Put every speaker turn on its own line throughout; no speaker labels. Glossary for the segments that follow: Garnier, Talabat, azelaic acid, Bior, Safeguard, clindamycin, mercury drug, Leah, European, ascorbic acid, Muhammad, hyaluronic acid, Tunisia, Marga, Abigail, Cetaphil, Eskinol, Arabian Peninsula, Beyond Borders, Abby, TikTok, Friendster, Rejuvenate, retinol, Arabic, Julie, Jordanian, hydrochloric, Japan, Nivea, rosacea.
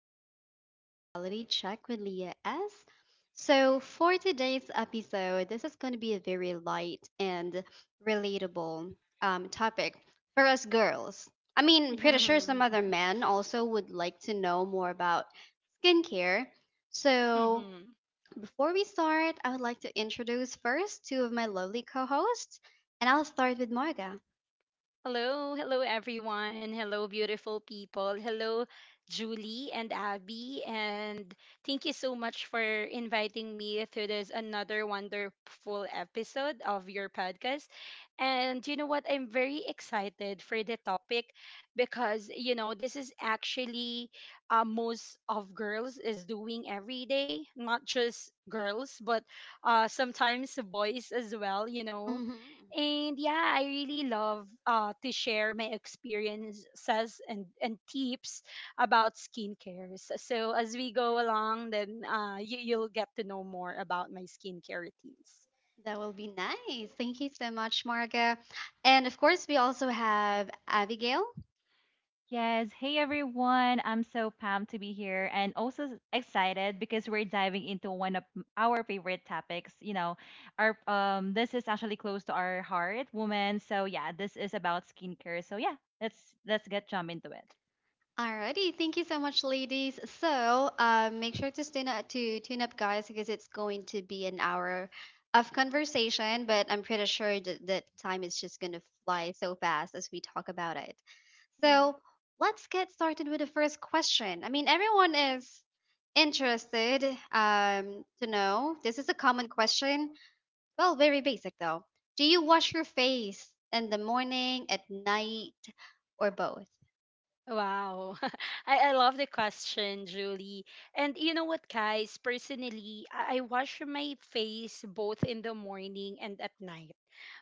in again here in Reality Check with Leah S. So, for today's episode, this is going to be a very light and relatable topic for us girls. I mean, pretty sure some
Mm-hmm.
other men also would like to know more about skincare. So,
Mm-hmm.
before we start, I would like to introduce first two of my lovely co hosts, and I'll start with Marga.
Hello, hello everyone. Hello, beautiful people. Hello, Julie and Abby. And thank you so much for inviting me to this another wonderful episode of your podcast. And you know what? I'm very excited for the topic because this is actually most of girls is doing every day, not just girls, but sometimes boys as well.
Hmm.
And yeah, I really love to share my experiences and tips about skincare. So as we go along, then you'll get to know more about my skincare routines.
That will be nice. Thank you so much, Marga. And of course, we also have Abigail.
Yes. Hey, everyone. I'm so pumped to be here and also excited because we're diving into one of our favorite topics. You know, our this is actually close to our heart, woman. So yeah, this is about skincare. So yeah, let's get jump into it.
Alrighty, thank you so much, ladies. So make sure to tune up, guys, because it's going to be an hour of conversation. But I'm pretty sure that, that time is just going to fly so fast as we talk about it.
Mm-hmm.
So let's get started with the first question. I mean, everyone is interested to know. This is a common question. Well, very basic though. Do you wash your face in the morning, at night, or both?
Wow. I love the question, Julie. And you know what, guys? Personally, I wash my face both in the morning and at night.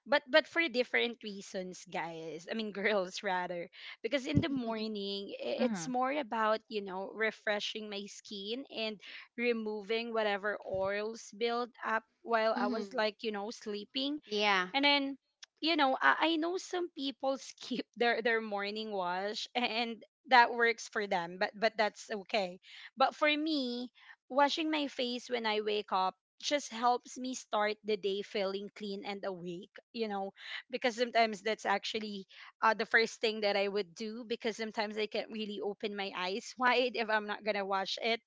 But for different reasons, guys. I mean girls rather. Because in the morning, it's
Mm-hmm.
more about, refreshing my skin and removing whatever oils build up while I was
Mm-hmm.
like sleeping.
Yeah.
And then, I know some people skip their morning wash and that works for them, but that's okay. But for me, washing my face when I wake up just helps me start the day feeling clean and awake, because sometimes that's actually the first thing that I would do, because sometimes I can't really open my eyes wide if I'm not gonna wash it.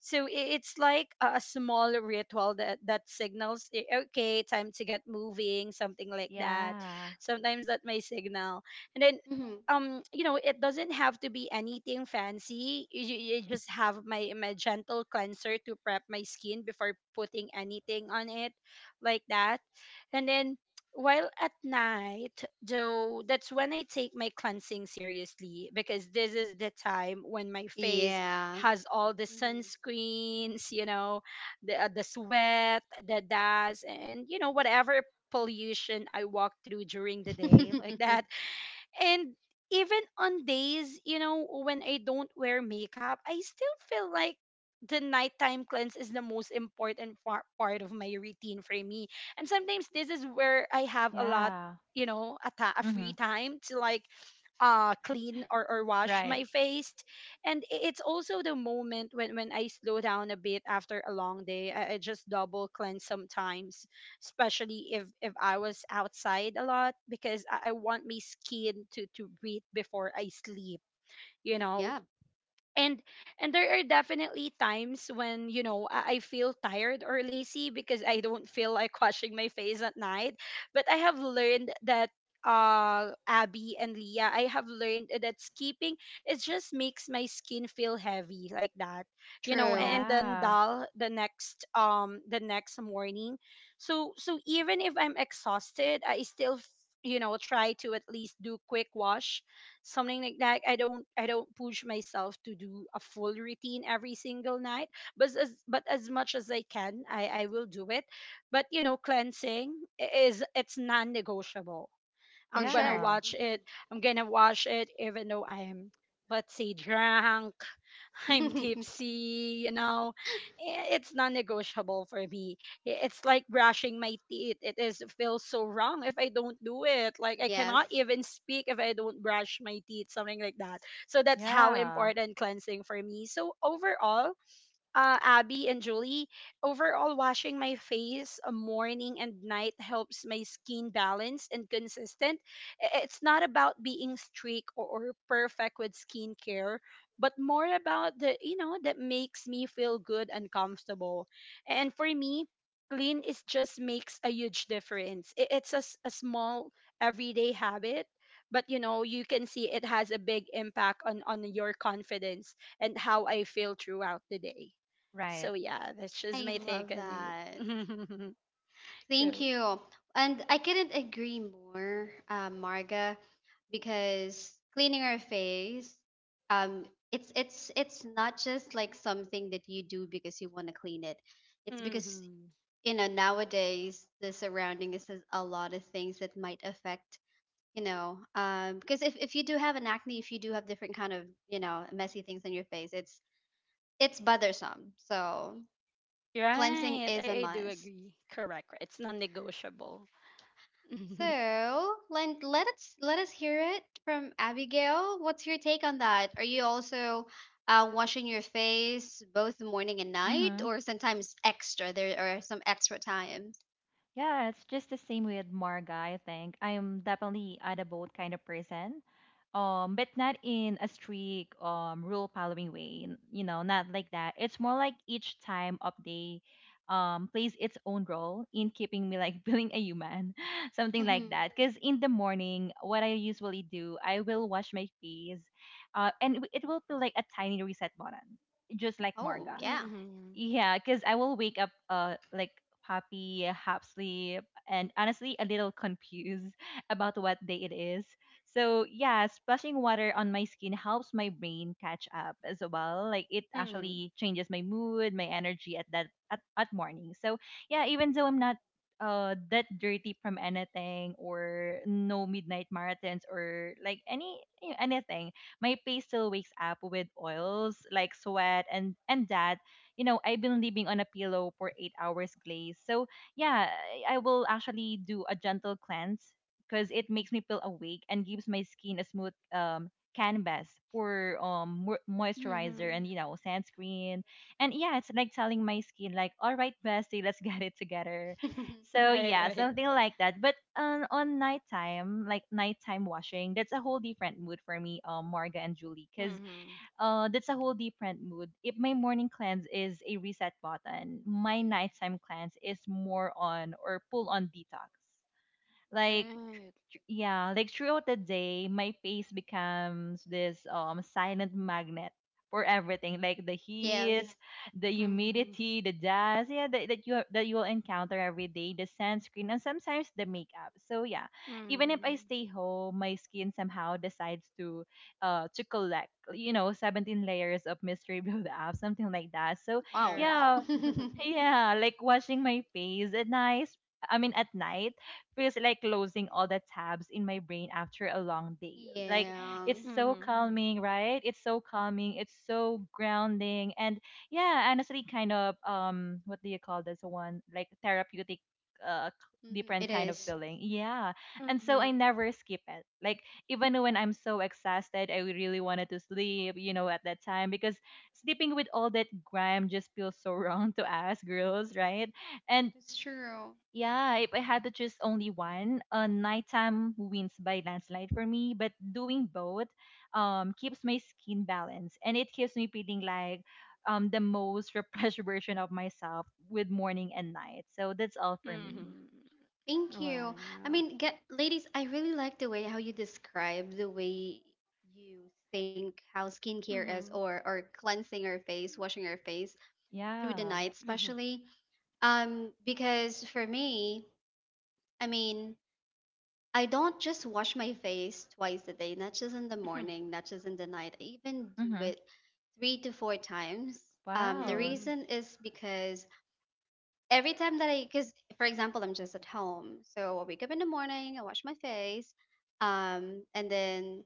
So it's like a small ritual that signals okay, time to get moving, something like that.
Yeah.
Sometimes that may signal, and then.
Mm-hmm.
It doesn't have to be anything fancy. You just have my gentle cleanser to prep my skin before putting anything on it, like that. And then while at night, though, that's when I take my cleansing seriously, because this is the time when my face
Yeah.
has all the
Mm-hmm.
sunscreens, the sweat, the dust, and whatever pollution I walk through during the day, like that. And even on days, when I don't wear makeup, I still feel like the nighttime cleanse is the most important part of my routine for me. And sometimes this is where I have a lot,
Yeah.
a free
Mm-hmm.
time to like clean or wash
Right.
my face. And it's also the moment when I slow down a bit after a long day. I just double cleanse sometimes, especially if I was outside a lot, because I want my skin to breathe before I sleep. You know,
Yeah.
and and there are definitely times when I feel tired or lazy because I don't feel like washing my face at night. But I have learned that Abby and Leah, I have learned that skipping it just makes my skin feel heavy, like that,
True.
and then
Yeah.
dull the next morning. So even if I'm exhausted, I still try to at least do quick wash, something like that. I don't push myself to do a full routine every single night, but as much as I can I will do it. But cleansing I- is it's non-negotiable.
For
i'm gonna
sure.
Yeah.
watch it i'm gonna watch it even though i'm, let's say, drunk. I'm
Hmm.
tipsy, you know, it's non-negotiable for me. It's like brushing my teeth. It is feels so wrong if I don't do it. Like, I
Yes.
cannot even speak if I don't brush my teeth, something like that. So that's how
Yeah.
important cleansing for me. So overall, Abby and Julie, overall, washing my face morning and night helps my skin balance and consistent. It's not about being strict or perfect with skincare, but more about the that makes me feel good and comfortable. And for me, clean is just makes a huge difference. It's a small everyday habit. But you can see it has a big impact on your confidence and how I feel throughout the day.
Right.
So yeah, that's just
I
my take
love
on it.
that. Thank
Go.
you. And I couldn't agree more, Marga, because cleaning our face, um, it's not just like something that you do because you want to clean it. It's because
Hmm.
you know nowadays the surrounding is a lot of things that might affect you know because if you do have an acne, if you do have different kind of you know messy things on your face, it's bothersome. So cleansing
Right. I,
is a
I do
must.
agree. Correct. Correct. It's non-negotiable. Mm-hmm.
So let us hear it from Abigail. What's your take on that? Are you also washing your face both morning and night,
Mm-hmm.
or sometimes extra? There are some extra times.
Yeah, it's just the same with Marga, I think. I'm definitely at a boat kind of person, but not in a strict rule following way, you know, not like that. It's more like each time of day plays its own role in keeping me like feeling a human, something like
Hmm.
that. Because in the morning, what I usually do, I will wash my face, and it will feel like a tiny reset button, just like
Oh
Marga.
yeah.
Yeah, because I will wake up like, happy, half sleep, and honestly a little confused about what day it is. So yeah, splashing water on my skin helps my brain catch up as well. Like, it
Mm-hmm.
actually changes my mood, my energy at that at morning. So yeah, even though I'm not that dirty from anything, or no midnight marathons, or like any, anything. My face still wakes up with oils like sweat and that. You know, I've been living on a pillow for 8 hours glaze. So yeah, I will actually do a gentle cleanse because it makes me feel awake and gives my skin a smooth canvas for moisturizer
Mm-hmm.
and, you know, sunscreen. And yeah, it's like telling my skin like, all right, bestie, let's get it together. So
Right.
yeah,
Right.
something like that. But on nighttime, like nighttime washing, that's a whole different mood for me, Marga and Julie, because
Mm-hmm.
that's a whole different mood. If my morning cleanse is a reset button, my nighttime cleanse is more on or pull on detox. Like,
Right.
yeah, like throughout the day, my face becomes this silent magnet for everything, like the heat,
Yes.
the
Mm-hmm.
humidity, the dust, yeah, that you will encounter every day, the sunscreen, and sometimes the makeup. So yeah, even if I
Mm-hmm.
stay home, my skin somehow decides to collect, you know, 17 layers of mystery build up, something like that. So
Wow.
Correct.
yeah, yeah, like washing my face at night. I mean, at night feels like closing all the tabs in my brain after a long day. Like,
Yeah.
it's so
Mm-hmm.
calming, right? It's so calming. It's so grounding. And yeah, honestly, kind of, what do you call this one? Like, therapeutic, uh,
Mhm,
different
it
kind of
is.
feeling. Yeah. And
Mm-hmm.
so I never skip it. Like, even when I'm so exhausted, I really wanted to sleep, you know, at that time, because sleeping with all that grime just feels so wrong to us girls, right? And
That is true.
yeah, if I had to choose only one, nighttime wins by landslide for me. But doing both, keeps my skin balanced, and it keeps me feeling like, the most refreshed version of myself with morning and night. So that's all for me.
Mm-hmm.
Thank you. I
Wow.
mean, get ladies, I really like the way how you describe the way you think how skincare is,
Mm-hmm.
or cleansing your face, washing your face through the
Yeah.
night
Mm-hmm.
especially. Um, because for me, I mean, I don't just wash my face twice a day, not just in the morning, not just in the night. I even do
Mhm.
it 3 to 4 times. Um, the
Mm-hmm.
Wow.
Mm-hmm.
reason is because every time that I, because for example, I'm just at home, so I wake up in the morning, I wash my face, and then,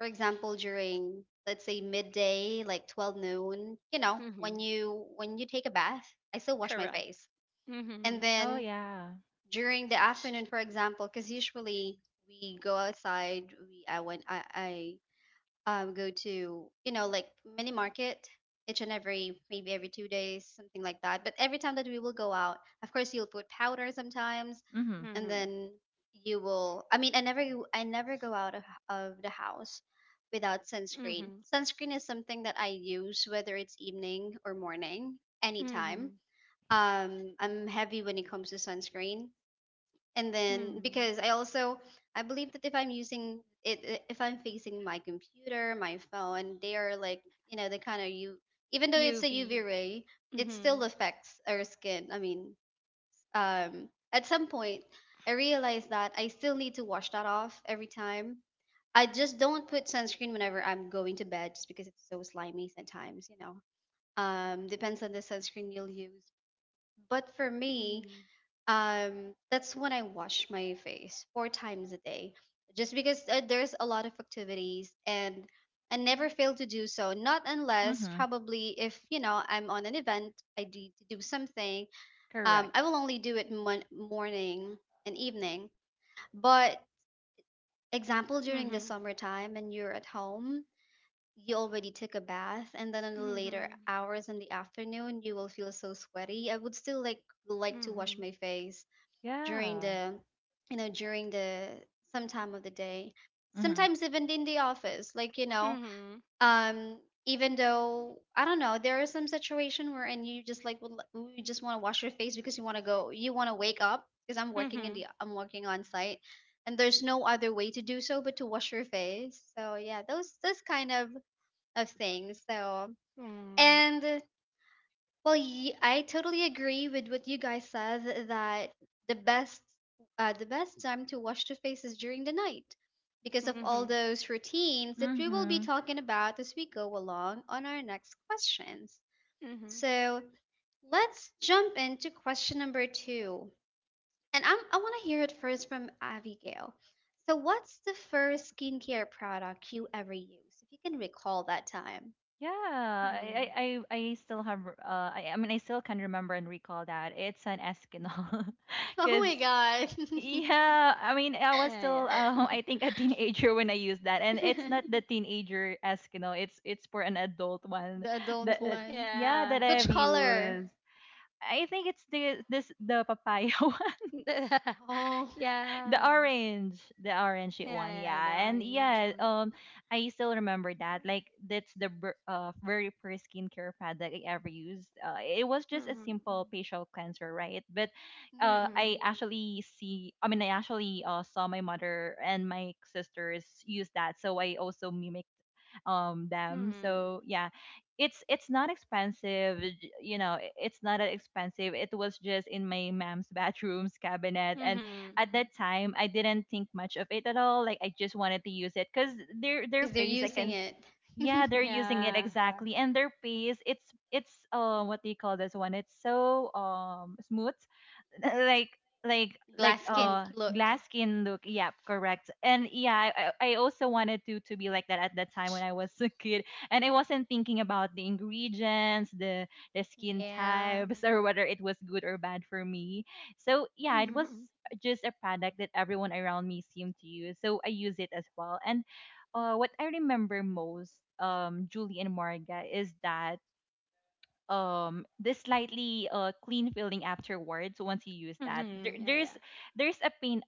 for example, during let's say midday, like 12 noon, you know,
Mm-hmm.
when you take a bath, I still wash my
Correct.
face,
Mm-hmm.
and
Oh
then
yeah.
during the afternoon, for example, because usually we go outside, we I went I go to you know like mini market each and every maybe every 2 days, something like that. But every time that we will go out, of course you'll put powder sometimes.
Mhm.
And
Mm-hmm.
then you will, I mean, I never go out of the house without sunscreen.
Mm-hmm.
Sunscreen is something that I use whether it's evening or morning, anytime.
Mm-hmm.
Um, I'm heavy when it comes to sunscreen. And then
Mm.
because I also I believe that if I'm using it, if I'm facing my computer, my phone, they are like you know the kind of you even though it's a
UV.
UV ray, it still
Mhm.
affects our skin. I mean, um, at some point I realized that I still need to wash that off every time. I just don't put sunscreen whenever I'm going to bed just because it's so slimy sometimes, you know, um, depends
Correct.
on the sunscreen you'll use. But for me,
Mhm.
um, that's when I wash my face four times a day, just because there's a lot of activities. And I never fail to do so, not unless
Mhm.
probably if you know I'm on an event, I need to do something. Um,
Correct.
I will only do it morning and evening. But example, during the
Mhm.
summertime and you're at home, you already took a bath, and then in the later
Mhm.
hours in the afternoon you will feel so sweaty. I would still like to wash
Mhm.
my face during
Yeah.
the you know during the some time of the day.
Mhm.
Sometimes even in the office, like you know
Mhm.
um, even though I don't know, there is some situation where and you just like you just want to wash your face because you want to go, you want to wake up, because I'm working in the,
Mhm.
I'm working on site, and there's no other way to do so but to wash your face. So yeah, those kind of things. So
Right.
and well, I totally agree with what you guys said that the best the best time to wash the face is during the night because of all
Mhm.
those routines that we will be
Mhm.
talking about as we go along on our next questions.
Mhm.
So, let's jump into question number 2. And I want to hear it first from Abigail. So, what's the first skincare product you ever used? If you can recall that time.
Yeah,
Mhm.
I I mean I still can remember and recall that it's an Eskinol
Oh
because
my
yeah, I mean I was
Yeah,
still
yeah.
I think a teenager when I used that. And it's
god.
not the teenager Eskinol, it's for an adult one.
The adult
That adult,
one.
yeah, that
Yeah.
I've,
Which
well,
color?
used. I think it's the papaya one.
Oh,
the
Yeah.
orange, the orange
Yeah,
one,
yeah, the
yeah, and
orange
yeah,
one.
I still remember that. Like, that's the very first skincare product I ever used. It was just a
Mhm.
simple facial cleanser, right? But,
Mhm.
I actually I mean, I actually saw my mother and my sisters use that, so I also mimic them.
Mhm.
So yeah, it's not expensive. You know, it's not that expensive. It was just in my mom's bathroom's cabinet, and
Mhm.
at that time, I didn't think much of it at all. Like, I just wanted to use it because their
because they're
face, I
using
can
it.
yeah, they're using
Yeah.
it. Yeah, exactly. And their face, it's what do you call this one? It's so smooth, like like like
Glass skin
uh
look.
glass skin look, yep,
Mhm.
correct. And yeah, I also wanted to be like that at that time when I was a kid. And I wasn't thinking about the ingredients, the skin
Yeah,
types, or whether it was good or bad for me. So yeah, it was
Mhm.
just a product that everyone around me seemed to use, so I use it as well. And what I remember most, Julie and Marga, is that this slightly clean feeling afterwards once you use that. there,
Mhm. Yeah, yeah.
there's there's a pain,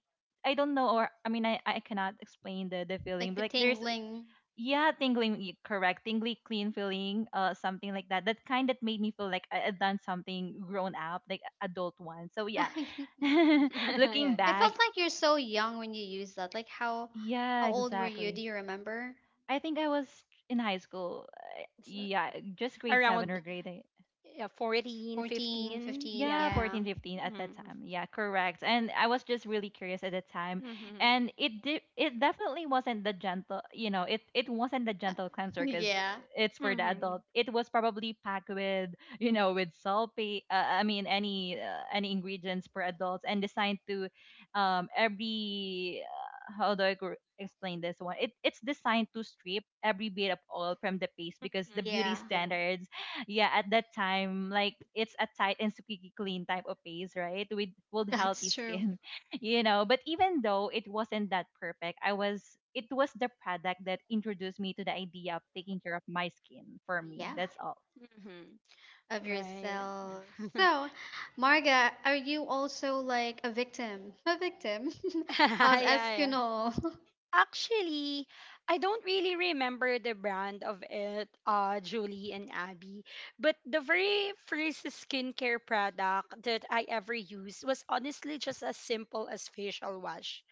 I don't know, or I mean, I cannot explain the
like
feeling, but
the
like, there's,
tingling.
yeah, tingling, correct, tingly clean feeling, something like that kind that made me feel like I, done something grown up, like adult one, so yeah.
I
Yeah,
Looking
yeah.
felt
back,
like you're so young when you used that. Like
yeah,
how old were you?
exactly.
Do you remember?
I think I was in high school.
It's,
Yeah, just grade seven or
around,
grade eight.
yeah, 14,
14,
15.
15.
Yeah,
Yeah.
Yeah.
14, 15 at that
Mm.
time. Yeah, correct. And I was just really curious at the time.
Mm-hmm.
And it definitely wasn't the gentle, you know, it wasn't the gentle cleanser cuz
Yeah.
it's for the
Mm-hmm.
adult. It was probably packed with, you know, with sulfate, I mean any any ingredients for adults and designed to every how do I explain this one? It's designed to strip every bit of oil from the paste because the
Mm-hmm.
beauty,
Yeah,
yeah, standards, yeah, at that time, like, it's a tight and squeaky clean type of paste, right, with healthy
that's true.
skin. You know, but even though it wasn't that perfect, I was it was the product that introduced me to the idea of taking care of my skin. For me,
Yeah.
that's all.
Mm-hmm.
Of
Right.
yourself. So, Marga, are you also like a victim
Yeah,
of
yeah.
Eskinol?
Actually, I don't really remember the brand of it, Julie and Abby. But the very first skincare product that I ever used was honestly just as simple as facial wash.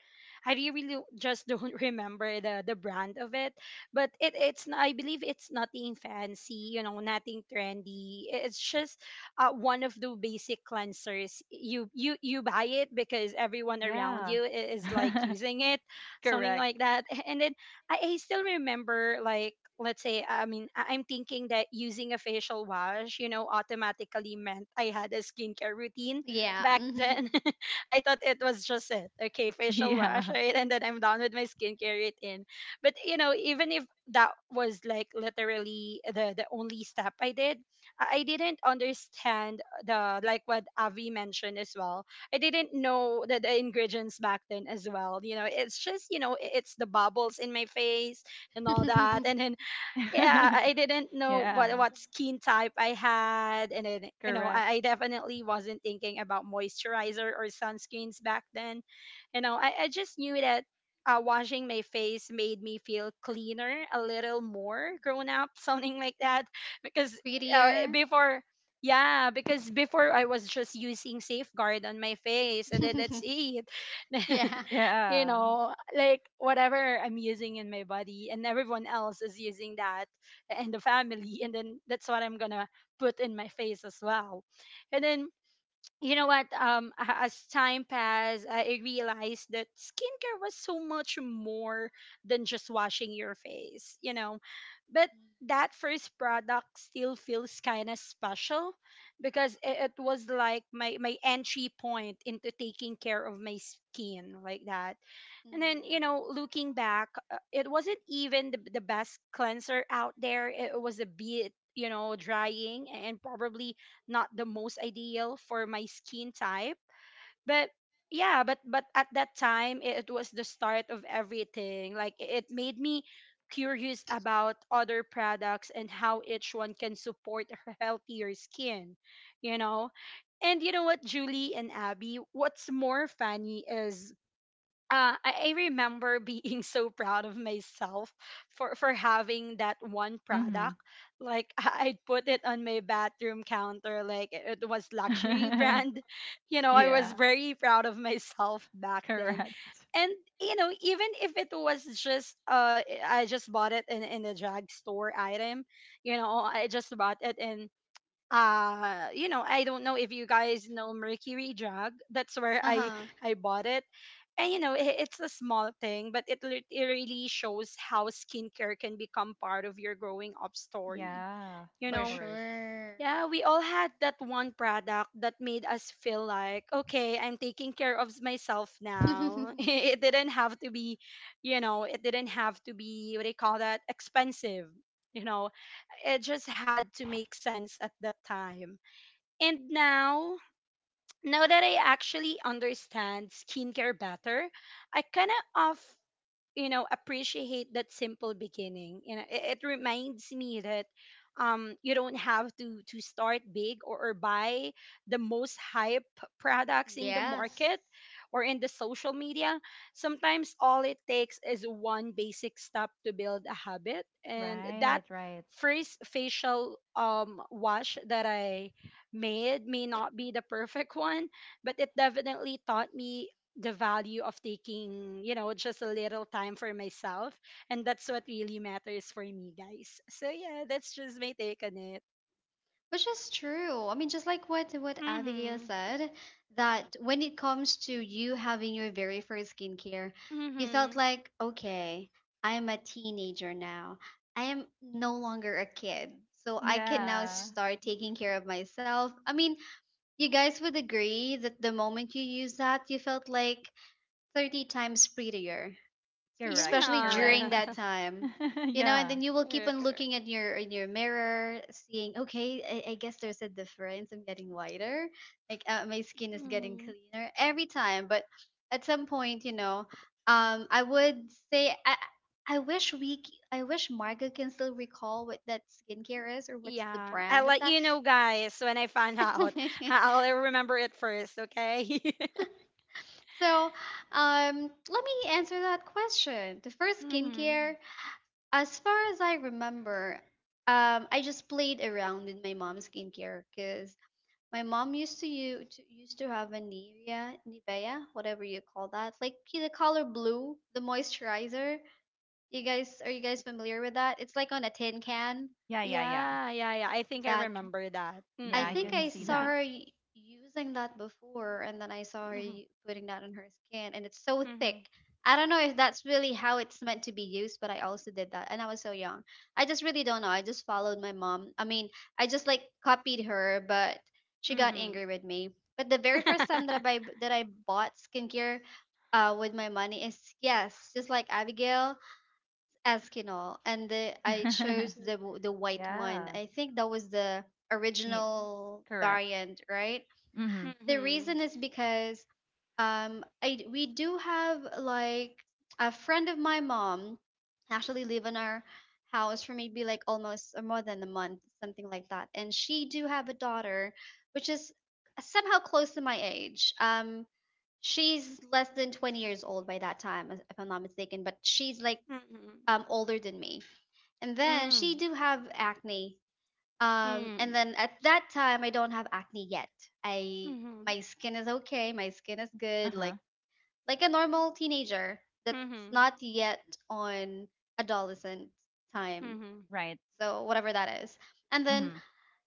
I really really just don't remember the brand of it, but I believe it's nothing fancy, nothing trendy. It's just one of the basic cleansers. You buy it because everyone around
Yeah.
you is like using it, something
Correct.
like that. And then I still remember, like, let's say, I mean, I'm thinking that using a facial wash, automatically meant I had a skincare routine
Yeah.
back
Hmm.
then. I thought it was just it. Okay, facial wash,
Yeah.
right? And then I'm done with my skincare routine. But, even if that was like literally the only step I did, I didn't understand the, like, what Avi mentioned as well. I didn't know the ingredients back then as well. It's just you know I- it's the bubbles in my face and all that. And then yeah, I I didn't know what
Yeah.
what skin type I had, and then you know I,
Correct.
I definitely wasn't thinking about moisturizer or sunscreens back then. I just knew that washing my face made me feel cleaner, a little more grown up, something like that. Because
Prettier.
before, yeah, because before I was just using Safeguard on my face, and then that's it.
Yeah.
Yeah.
Like whatever I'm using in my body and everyone else is using that and the family, and then that's what I'm going to put in my face as well. And then you know what, as time passed, I realized that skincare was so much more than just washing your face. But that first product still feels kind of special, because it was like my entry point into taking care of my skin, like that. And then
Hmm.
looking back, it wasn't even the best cleanser out there. It was a bit, drying, and probably not the most ideal for my skin type. But yeah, but at that time, it was the start of everything. Like, it made me curious about other products and how each one can support a healthier skin, you know and you know what, Julie and Abby, what's more funny is, I remember being so proud of myself for having that one
Mhm.
product. Like, I'd put it on my bathroom counter, like it was luxury brand. I was
Yeah.
very proud of myself back then.
Correct.
And even if it was just, I just bought it in a drugstore item. I just bought it in I don't know if you guys know Mercury Drug. That's where
Uh
i
huh.
i bought it. And it's a small thing, but it really shows how skincare can become part of your growing up story,
Yeah.
you
Of
For
know
course.
sure.
yeah, we all had that one product that made us feel like, okay, I'm taking care of myself now. It didn't have to be you know it didn't have to be what do you call that, expensive, you know it just had to make sense at that time. And now, now that I actually understand skincare better, I kind of off appreciate that simple beginning. It reminds me that you don't have to start big, or buy the most hype products in the
Yes.
market or in the social media. Sometimes all it takes is one basic step to build a habit, and that
Right. Right.
first facial wash that I made may not be the perfect one, but it definitely taught me the value of taking, just a little time for myself. And that's what really matters for me, guys. So, yeah, that's just my take on it.
Which is true. I mean, just like what
Mm
Abigail
hmm.
said, that when it comes to you having your very first skincare,
Mm
you felt
hmm.
like, okay, I'm a teenager now. I am no longer a kid. So I can now
Yeah,
start taking care of myself. I mean, you guys would agree that the moment you use that, you felt like 30 times prettier,
correct,
especially
correct.
during
Yeah.
that time, you know. And
Yeah,
then you will keep
Correct,
on
correct.
looking at your in your mirror, seeing okay, I guess there's a difference, I'm getting whiter, like my skin is getting
Mhm.
cleaner every time. But at some point you know um, I would say I wish I wish Marga can still recall what that skincare is, or what's the
Yeah. I'll
brand of
let
that.
you know, guys, when I find out. I'll remember it first, okay?
So um, let me answer that question, the first skincare.
hmm
As far as I remember, I just played around with my mom's skincare because my mom used to, used to have a Nivea, Nivea, whatever you call that, like the color blue, the moisturizer. You guys, are you guys familiar with that? It's like on a tin can.
yeah, yeah, yeah.
Yeah, yeah, yeah. I think I
That
remember that.
I
Yeah, I
think
can
I
Mm-mm.
see
saw
that.
her using that before, and then I saw her
Mm-hmm.
putting that on her skin, and it's so thick.
Mm-hmm.
I don't know if that's really how it's meant to be used, but I also did that, and I was so young. I just really don't know. I just followed my mom. I mean, I just like copied her, but she got
Mm-hmm.
angry with me. But the very first time that I bought skincare, with my money is yes, just like Abigail. Eskinol, and the, I chose the the white one.
Yeah,
I think that was the
Teen-
original
correct.
variant, right?
Mm-hmm.
The
Mm-hmm.
reason is because we do have like a friend of my mom actually live in our house for maybe like almost or more than a month, something like that. And she do have a daughter which is somehow close to my age. Um, she's less than 20 years old by that time if I'm not mistaken, but she's like
Mm-hmm.
older than me. And then she
Mm,
do have acne, um, and
mm,
then at that time I don't have acne yet. I
mhm,
My skin is okay, my skin is good,
Uh-huh.
like a normal teenager that's
mhm,
not yet on adolescent time.
mhm,
Right.
So whatever that is. And then
Mm-hmm.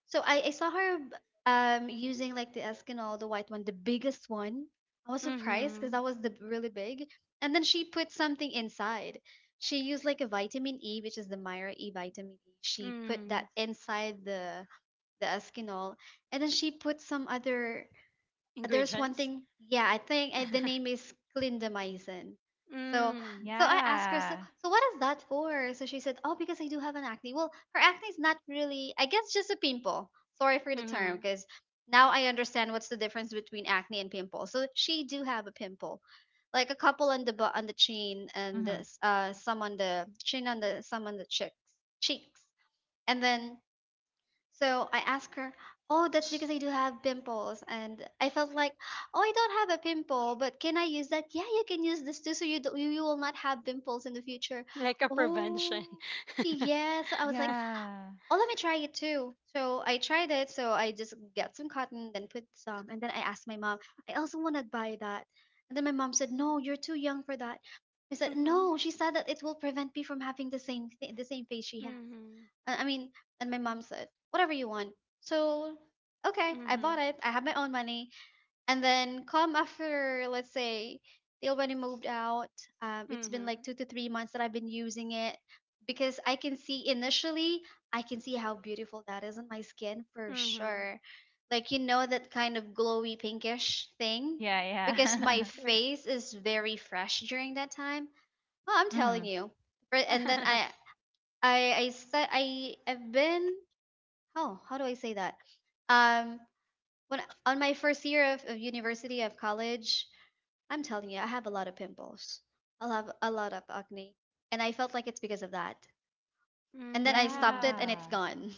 so I saw her using like the Eskinol, the white one, the biggest one. I was surprised because
mhm,
that was the really big. And then she put something inside. She used like a vitamin E, which is the Myra E vitamin E. She put that
mm.
inside the Eskinol, and then she put some other there's one
Ingredients?
thing. Yeah, I think the name is clindamycin. So,
Mm,
so I asked her, so,
Yeah.
so what is that for? So she said, oh, because I do have an acne. Well, her acne is not really, I guess, just a pimple. Sorry for the term,
mhm.
because now I understand what's the difference between acne and pimple. So she do have a pimple, like a couple on on the chin and
Mm-hmm.
some on the chin on the some on the cheeks, and then so I asked her, "Oh, that's because I do have pimples." And I felt like, "Oh, I don't have a pimple, but can I use that?" "Yeah, you can use this too, so you, do, you will not have pimples in the future."
Like a prevention.
Oh, yeah. So I was like,
Yeah.
"Oh, let me try it too." So I tried it. So I just got some cotton, then put some. And then I asked my mom, "I also want to buy that." And then my mom said, "No, you're too young for that." I said,
Mhm,
"No, she said that it will prevent me from having the same, the same face she has."
mhm,
I I mean, and my mom said, "Whatever you want." So, okay, I bought
mhm,
it. I have my own money. And then come after, let's say, they already moved out. It's been like
mhm,
2 to 3 months that I've been using it because I can see initially, I can see how beautiful that is on my skin for
mhm.
sure. Like, you know, that kind of glowy pinkish thing
Yeah,
because my
yeah.
Correct.
face is very fresh during that time. Well, I'm telling
Mm-hmm.
you. And then I, I I said I've been, oh, how do I say that, um when on my first year of university of college, I'm telling you I have a lot of pimples, I'll have a lot of acne, and I felt like it's because of that. And then I
Mm,
stopped it and it's
Yeah.
gone.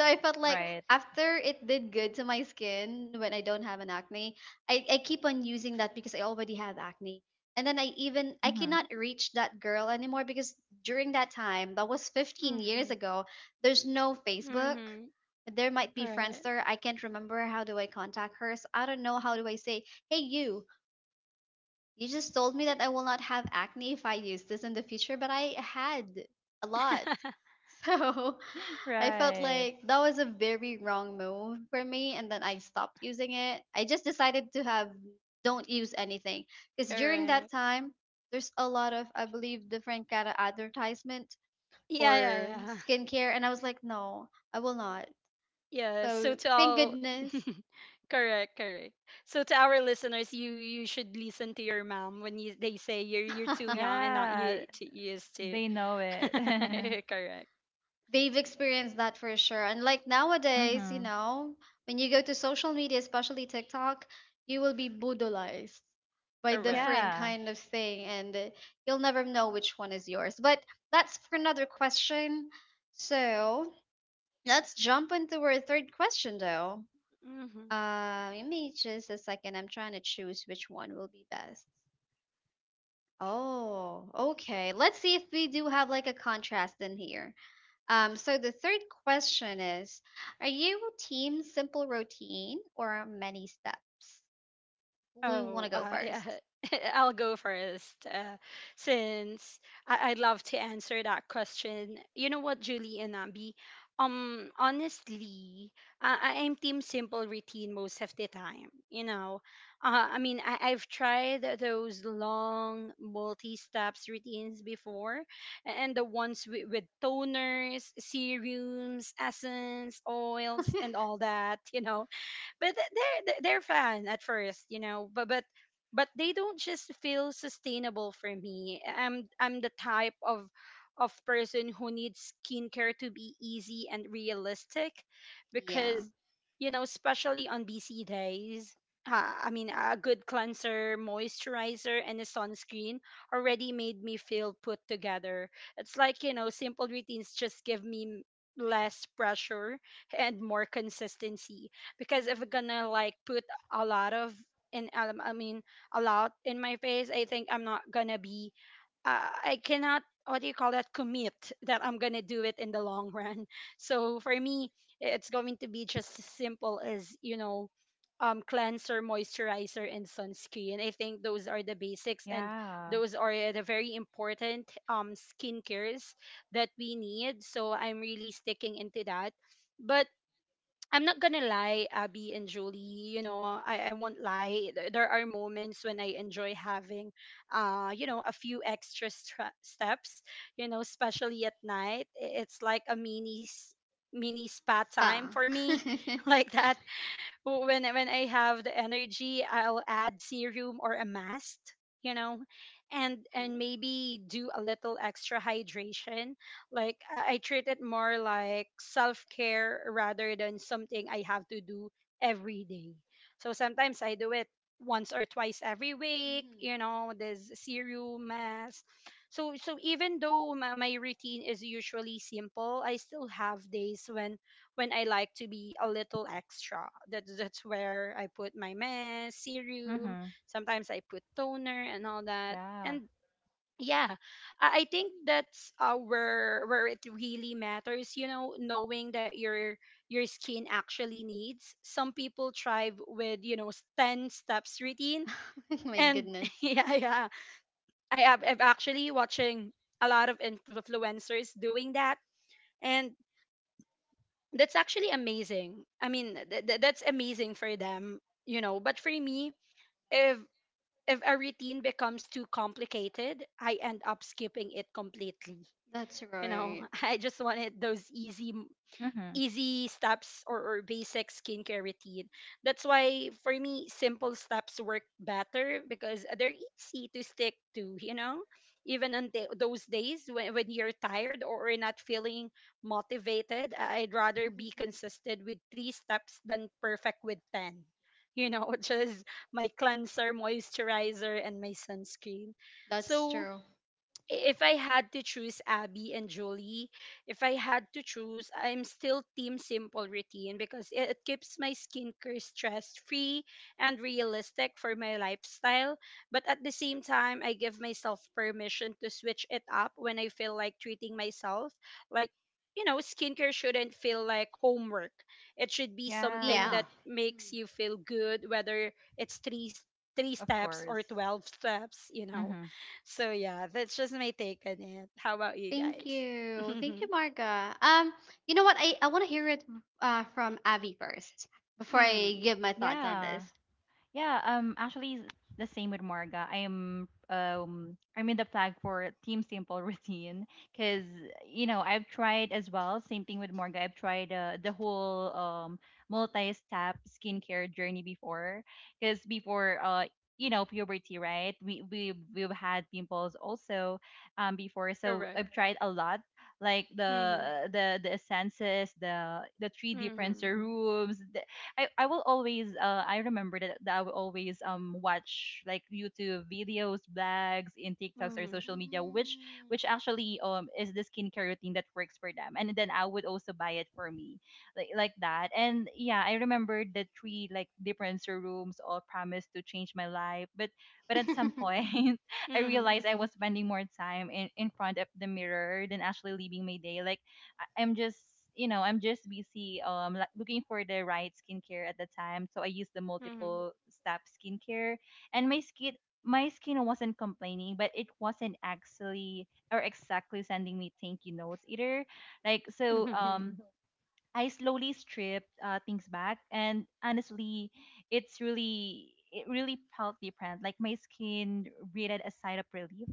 So I felt like
Right.
after it did good to my skin when I don't have an acne, I keep on using that because I already have acne. And then I
Mm-hmm.
cannot reach that girl anymore because during that time, that was 15 years
mhm,
ago, there's no Facebook.
mhm.
There might be
Right.
Friendster. I can't remember how do I contact her. So I don't know how do I say, "Hey you, you just told me that I will not have acne if I use this in the future, but I had a lot." So I felt
Right.
like that was a very wrong move for me, and then I stopped using it. I just decided to have, don't use anything, because during that
Correct.
time, there's a lot of, I believe, different kind of advertisement
Yeah. Yeah,
for
yeah,
skincare, and I was like, no, I will not.
yeah, so
So
to
thank
all,
goodness.
correct, correct. So to our listeners, you should listen to your mom when you they say you're too young and not
Yeah,
you to used to.
they know it. Mm-hmm.
Correct,
They've experienced that for sure. And like nowadays, you know, when you go to social media, especially TikTok, you will be brutalized by
correct.
different
Yeah.
kind of thing, and you'll never know which one is yours. But that's for another question. So let's jump into our third question, though.
hmm
Give me just a second. I'm trying to choose which one will be best. Oh, okay. Let's see if we do have like a contrast in here. So the third question is, are you team simple routine or many steps? Who want to
Oh,
go
yeah,
first?
I'll go first, since I'd love to answer that question. You know what, Julie and Abby? Honestly, I am team simple routine most of the time. You know, I mean, I've tried those long multi-steps routines before, and the ones with toners, serums, essence, oils, and all that. You know, but they're fun at first, you know. But they don't just feel sustainable for me. I'm the type of person who needs skincare to be easy and realistic,
Yeah.
because you know, especially on busy days. I mean, a good cleanser, moisturizer, and a sunscreen already made me feel put together. It's like, you know, simple routines just give me less pressure and more consistency because if we're
Hmm.
gonna like put a lot of in I mean a lot in my face, I think I'm not gonna be. I cannot. What do you call that? Commit that I'm gonna do it in the long run. So for me, it's going to be just as simple as you know, cleanser, moisturizer, and sunscreen. I think those are the basics, and
Yeah.
those are the very important skin cares that we need. So I'm really sticking into that. But I'm not gonna lie, Abby and Julie, you know, I won't lie. There are moments when I enjoy having, you know, a few extra steps, you know, especially at night. It's like a mini spa time
Spa.
for me, like that when I have the energy, I'll add serum or a mask, you know, and maybe do a little extra hydration. Like I treat it more like self care rather than something I have to do every day. So sometimes I do it once or twice every week.
Cool.
You know, there's serum mask. So so even though my routine is usually simple, I still have days when I like to be a little extra. That's where I put my mask, serum,
Mm-hmm.
sometimes I put toner and all that.
Yeah.
And yeah, I think that's where it really matters, you know, knowing that your skin actually needs. Some people thrive with, you know, 10 steps routine
Hmm. My
and
goodness.
yeah, yeah. I'm actually watching a lot of influencers doing that and that's actually amazing. I mean, that's amazing for them, you know. But for me, if if a routine becomes too complicated, I end up skipping it completely.
That's
You know,
right.
I just
Hmm.
wanted those easy
Mm-hmm.
easy steps, or basic skincare routine. That's why for me, simple steps work better because they're easy to stick to, you know? Even on the, those days when you're tired or you're not feeling motivated, I'd rather be consistent with three steps than perfect with 10. You know, which is my cleanser, moisturizer, and my sunscreen.
That's
So,
true.
if I had to choose, Abby and Julie, if I had to choose, I'm still team simple routine because it keeps my skincare stress free and realistic for my lifestyle. But at the same time, I give myself permission to switch it up when I feel like treating myself. Like, you know, skincare shouldn't feel like homework. It should be something
Yeah.
Yeah.
that makes
Hmm.
you feel good, whether it's three
Of
steps or
course.
12 steps, you know.
Hmm.
So yeah, that's just my take on it. How about you
Thank
guys?
you. Thank you, Marga. You know what? I want to hear it from Abby first before
Mm-hmm.
I
Mm-hmm.
give my thoughts on this.
Yeah. Yeah, actually the same with Marga. I'm in the flag for Team Simple routine cuz, you know, I've tried as well, same thing with Marga. I've tried the whole multi-step skincare journey before cuz before, puberty, right, we've had pimples also, before. So
Correct.
I've tried a lot, like the
Mm-hmm.
the the essences, the three different
Mm-hmm.
serums. I will always I remember that I will always watch, like, YouTube videos, blogs in TikToks or
Mm-hmm.
social media, which actually is the skincare routine that works for them, and then I would also buy it for me, like that. And yeah, I remember the three like different serums all promised to change my life, but at some
Hmm.
point I realized I was spending more time in front of the mirror than actually living my day, like I- I'm just I'm just busy, like looking for the right skincare at the time. So I used the
Mm-hmm. Mm-hmm.
multiple step skincare, and my skin wasn't complaining, but it wasn't actually or exactly sending me thank you notes either. Like, so
Mm-hmm.
um. Mhm. I slowly stripped things back, and honestly, it really felt different. Like, my skin breathed a sigh of relief.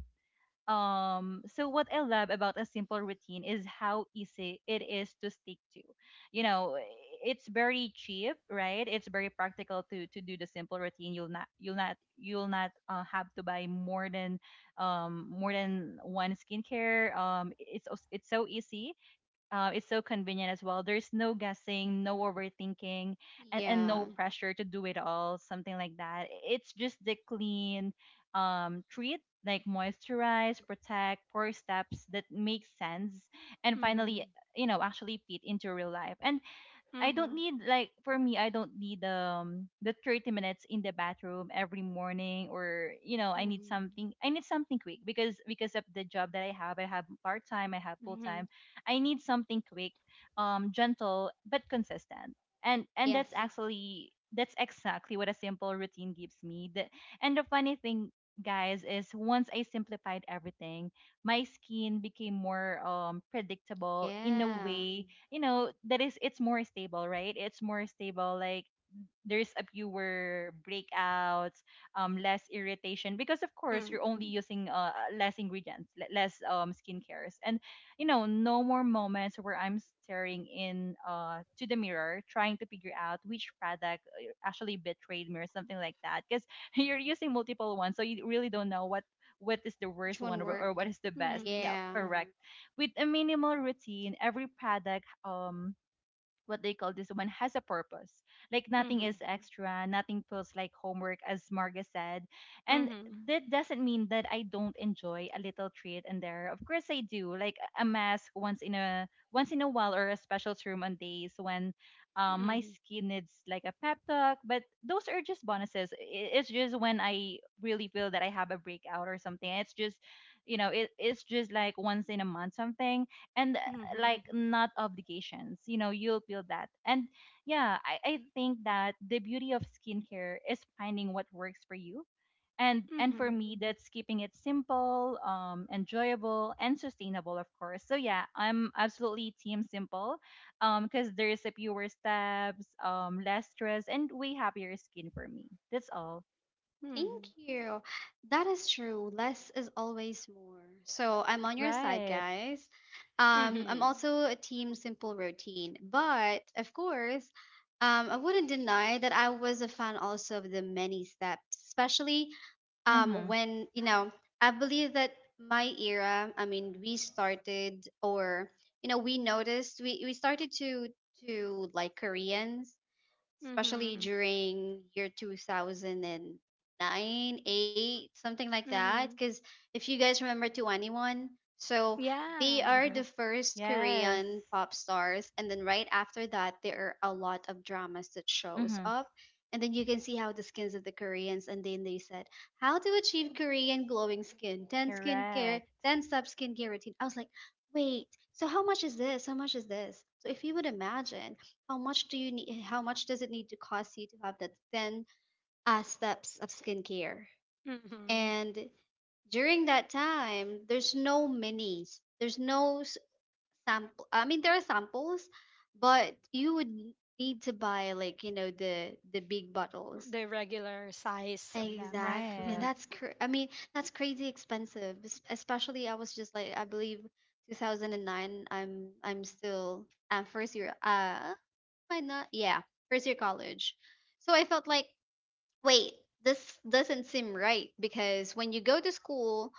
So what I love about a simple routine is how easy it is to stick to. You know, it's very cheap, right? It's very practical to do the simple routine. You'll not have to buy more than one skincare. It's so easy, it's so convenient as well. There's no guessing, no overthinking, and
Yeah.
no pressure to do it all, something like that. It's just the clean, treat, like, moisturize, protect, four steps that make sense, and finally,
Mm-hmm.
you know, actually fit into real life. And I don't
Mm-hmm.
need, like, for me I don't need the 30 minutes in the bathroom every morning, or you know I need
Mm-hmm.
something. I need something quick because of the job that I have, I have part time, I have full time.
Mm-hmm.
I need something quick, gentle but consistent, and
Yes.
that's actually that's exactly what a simple routine gives me the, and the funny thing, guys, is once I simplified everything, my skin became more predictable in a
Yeah.
way, you know, that is it's more stable, right? It's more stable. Like there's a fewer breakouts, less irritation because of course you're only using less ingredients, less skincares, and you know no more moments where I'm staring in to the mirror trying to figure out which product actually betrayed me or something like that because you're using multiple ones, so you really don't know what is the
Which
worst
one
one, or
work?
what is the best. Yeah,
Yeah.
correct. Mm-hmm. With a minimal routine, every product, what they call this one, has a purpose. Like nothing is extra, nothing feels like homework, as Marga said. And
Mm-hmm.
that doesn't mean that I don't enjoy a little treat in there. Of course I do. Like a mask once in a while or a special serum on days when my
Mm-hmm.
skin needs like a pep talk. But those are just bonuses. It's just when I really feel that I have a breakout or something. It's just, you know, it's just like once in a month something. And
Mm-hmm.
like not obligations, you know, you'll feel that. And yeah, I think that the beauty of skincare is finding what works for you, and for
Hmm.
me that's keeping it simple, enjoyable and sustainable, of course. So yeah, I'm absolutely team simple, because there's a fewer steps, less stress and way happier skin for me. That's all.
Thank you. That is true. Less is always more. So I'm on your side,
Right.
guys. I'm
Hmm.
also a team simple routine, but of course, I wouldn't deny that I was a fan also of the many steps, especially
Mm-hmm.
when you know I believe that my era we started or you know we noticed we started to like Koreans
Hmm.
especially
Hmm.
during year 2009, 8, something like that
Hmm.
because if you guys remember 21, so they are
Yeah.
the first
Yes.
korean pop stars. And then right after that there are a lot of dramas that shows
Mm-hmm.
up, and then you can see how the skins of the koreans. And then they said how to achieve korean glowing skin, 10 skincare,
Correct.
10 sub skincare routine. I was like, wait, how much is this, how much is this? So if you would imagine how much do you need, how much does it need to cost you to have that ten steps of skincare?
Hmm.
And during that time, there's no minis. There's no s- Sample. I mean, there are samples, but you would need to buy like you know the big bottles.
The regular size of them.
Exactly, and
Right.
I mean that's crazy expensive. Especially I was just like I believe 2009. I'm first year. Uh, I not? Yeah, first year college. So I felt like, wait, this doesn't seem right because when you go to school,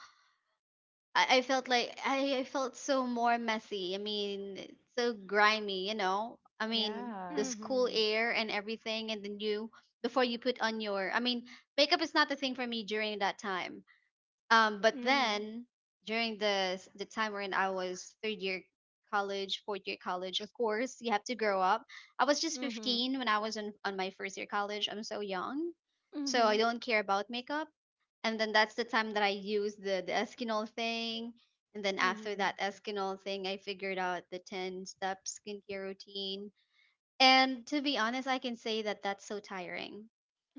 I felt like I felt so more messy. I mean, so grimy, you know. I mean, the
Yeah.
school
Mm-hmm.
air and everything, and then you before you put on your. I mean, makeup is not the thing for me during that time. But
Hmm.
then during the time when I was third year college, fourth year college, of course you have to grow up. I was just
Hmm.
15 when I was on my first year college. I'm so young, so I
Hmm.
don't care about makeup. And then that's the time that I used the Eskinol thing. And then after
Mm-hmm.
that Eskinol thing, I figured out the 10 step skincare routine. And to be honest, I can say that that's so tiring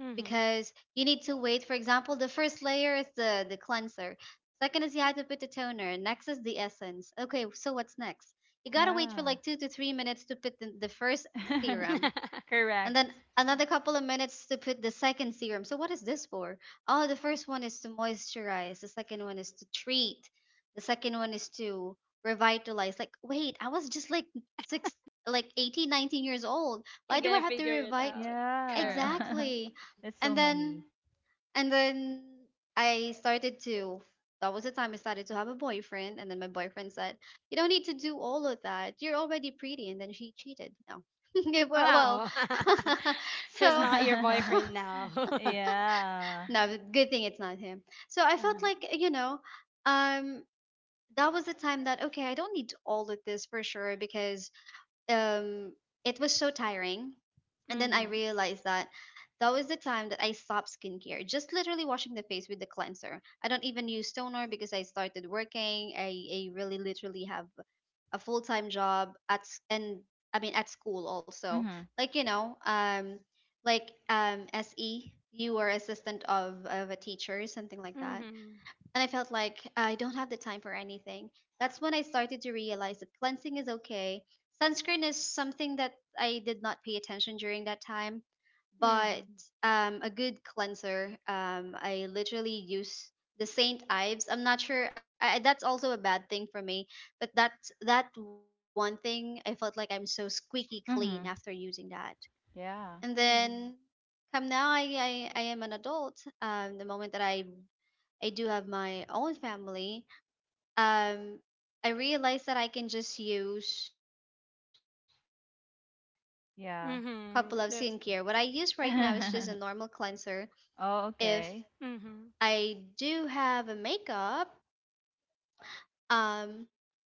Mm-hmm.
because you need to wait. For example, the first layer is the cleanser. Second is you had to put the toner. Next is the essence. Okay, so what's next? You gotta wait for
Yeah.
like 2 to 3 minutes to put the first serum, and
Correct.
then another couple of minutes to put the second serum. So what is this for? Oh, the first one is to moisturize. The second one is to treat. The second one is to revitalize. Like, wait, I was just like six, like 18, 19 years old.
You're
Why do I
gonna
have to
figure it
revite?
out. Correct.
Yeah.
Exactly.
That's so
And then
many.
and then I started to, that was the time I started to have a boyfriend. And then my boyfriend said, "You don't need to do all of that. You're already pretty." And then she cheated. No. Yeah, well, well,
Wow. He's
so
not your boyfriend now.
Yeah.
no, good thing it's not him. So I felt like, you know, um, that was the time that, okay, I don't need all of this for sure because um, it was so tiring. And then I
Mm-hmm.
realized that that was the time that I stopped skincare, just literally washing the face with the cleanser. I don't even use toner because I started working. I really literally have a full time job and I mean at school also.
Mhm.
Like you know, like SE, you were assistant of a teacher, something like that,
Mm-hmm.
and I felt like I don't have the time for anything. That's when I started to realize that cleansing is okay. Sunscreen is something that I did not pay attention during that time, but
Mm-hmm.
a good cleanser. I literally use the Saint Ives. I'm not sure. That's also a bad thing for me, but that's that one thing I felt like I'm so squeaky clean
Mhm.
after using that.
Yeah.
And then
Mm-hmm.
come now, I am an adult. The moment that I do have my own family, um I realized that I can just use a couple of skincare. What I use right now
Yeah.
is just a
Mm-hmm.
normal
That's
cleanser.
mm-hmm.
If
Oh,
I
okay.
do have
Mm-hmm.
a makeup, um yeah,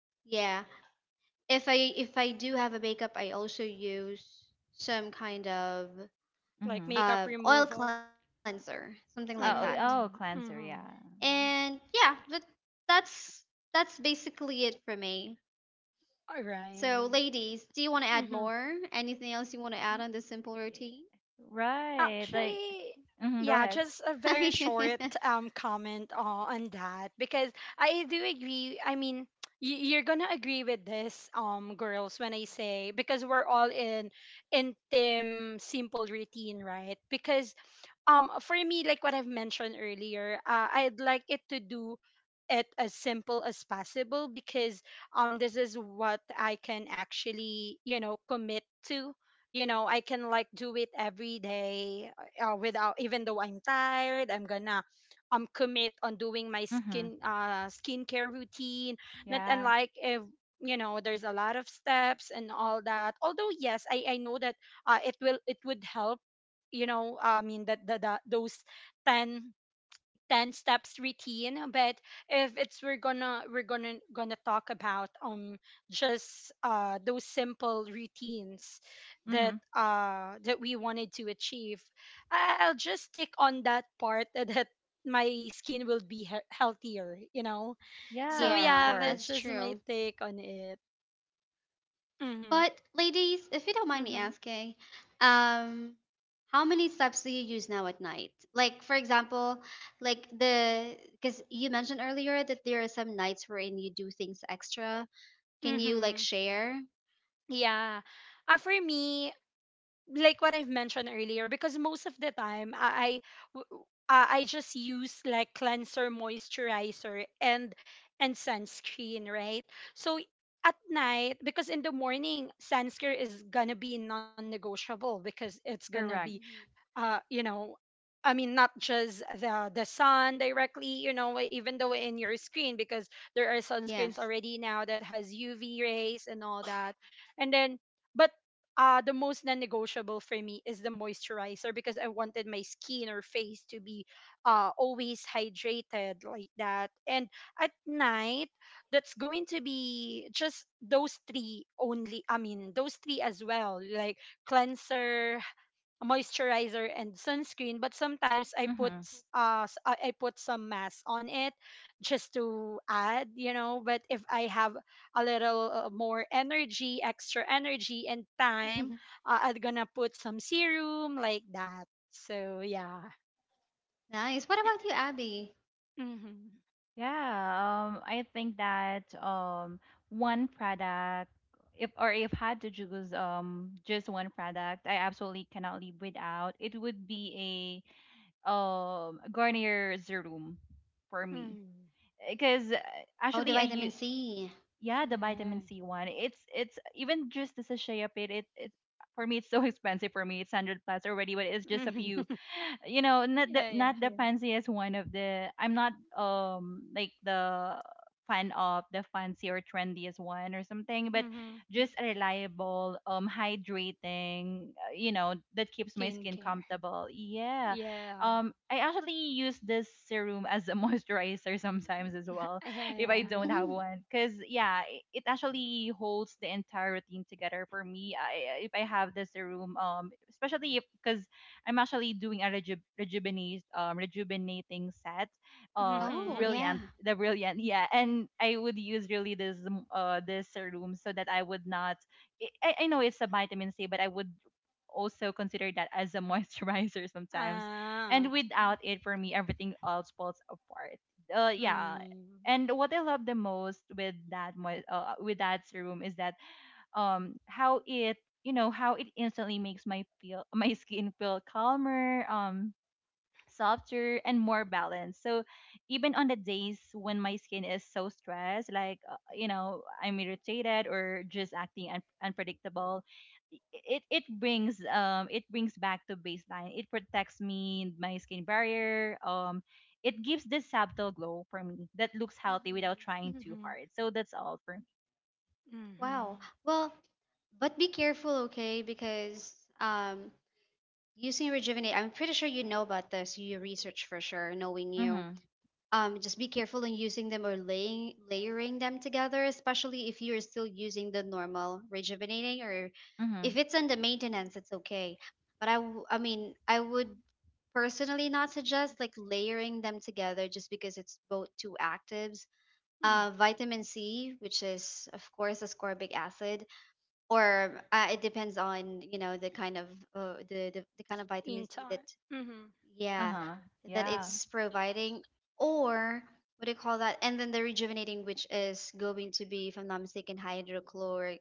if I do have a makeup, I also use some kind of
Like
Mhm.
makeup
oil
removal.
cleanser, something like that.
Oh, oh, cleanser,
Mm-hmm.
yeah.
And yeah, that's that's basically it for me.
All
So,
right.
ladies, do you want to add more? Anything else you want to add on this simple routine?
Right. Like
Actually,
mhm, go
yeah,
ahead.
just a very short comment, on that because I do agree. I mean, you're gonna agree with this, girls, when I say, because we're all in team simple routine, right? Because for me, like what I've mentioned earlier, I'd like it to do it as simple as possible because this is what I can actually you know commit to, you know. I can like do it every day, without, even though I'm tired I'm gonna commit on doing my
Mhm.
skin, skincare routine, not
Yeah.
unlike if you know there's a lot of steps and all that, although yes I know that it will, it would help, you know. I mean that the those 10 10 steps routine. But if it's, we're gonna, we're gonna talk about just those simple routines that
Mhm.
that we wanted to achieve, I- I'll just stick on that part that that my skin will be healthier, you know. So
Yeah, of
Yeah,
yeah, that's
course.
that's
just my
true.
take on it. Mhm.
But ladies, if you don't mind me
Mhm.
asking, um, how many steps do you use now at night? Like for example, like the because you mentioned earlier that there are some nights wherein you do things extra. Can you like
Mhm.
share?
Yeah. For me, like what I've mentioned earlier, because most of the time I, w- I just use like cleanser, moisturizer, and sunscreen, right? So at night, because in the morning sunscreen is gonna be non-negotiable because it's gonna be,
Correct.
Mhm.
you know, I mean, not just the sun directly, you know, e, even though in your screen because there are sunscreens
Yes.
already now that has UV rays and all that, and then but the most non-negotiable for me is the moisturizer because I wanted my skin or face to be always hydrated like that, and at night that's going to be just those three only. I mean, those three as well, like cleanser, moisturizer and sunscreen, but sometimes I put
Mhm.
I put some mask on it just to add, you know. But if I have a little, more energy, extra energy and time, I'm gonna put some serum like that. So yeah.
Nice. What about you, Abby?
Mm-hmm.
Yeah, I think that one product, if or if had to choose just one product, I absolutely cannot live without. It would be a Garnier Serum for me,
Mm.
because
Oh, the
actually I
vitamin
use
C.
yeah the
Yeah.
vitamin C one. It's even just the sachet of it. For me it's so expensive for me. It's hundred plus already, but it's just a few, you know, not the
Yeah, yeah.
not the yeah, fanciest one. Of the I'm not like the fan of the fancy or trendiest one or something, but
Mm-hmm.
just a reliable hydrating, you know, that keeps my skin
Skincare.
comfortable. Yeah,
Yeah.
I actually use this serum as a moisturizer sometimes as well
Yeah,
if I
yeah.
don't have
Hmm.
mm, one, because yeah, it actually holds the entire routine together for me. If I have the serum especially if because I'm actually doing a rejuvenate, rejuvenating set.
Oh,
Brilliant,
Mm-hmm.
yeah.
the brilliant, yeah. And I would use really this this serum so that I would not. I know it's a vitamin C, but I would also consider that as a moisturizer sometimes.
Ah,
And
okay.
without it, for me, everything else falls apart. Yeah.
Mm.
And what I love the most with that serum is that how it, you know, how it instantly makes my feel my skin feel calmer, softer and more balanced. So even on the days when my skin is so stressed, like, you know, I'm irritated or just acting unpredictable, i- it it brings back to baseline. It protects me my skin barrier, it gives this subtle glow for me that looks healthy without
Hmm.
trying too
Mhm.
hard. So that's all for me.
Wow.
Mhm.
Well, but be careful, okay? Because um, using Rejuvenate, I'm pretty sure you know about this. You research for sure, knowing you.
Mm-hmm.
Just be careful in using them or laying layering them together, especially if you're still using the normal rejuvenating, or if it's under maintenance, it's okay. But I mean, I would personally not suggest like layering them together just because it's both two actives.
Mm.
Vitamin C, which is of course ascorbic acid, or it depends on the kind of the kind of vitamin
In
C that
time. Mhm.
yeah
Uh-huh.
that
Yeah.
it's providing or what do you call that? And then the rejuvenating, which is going to be, if I'm not mistaken, hydrochloric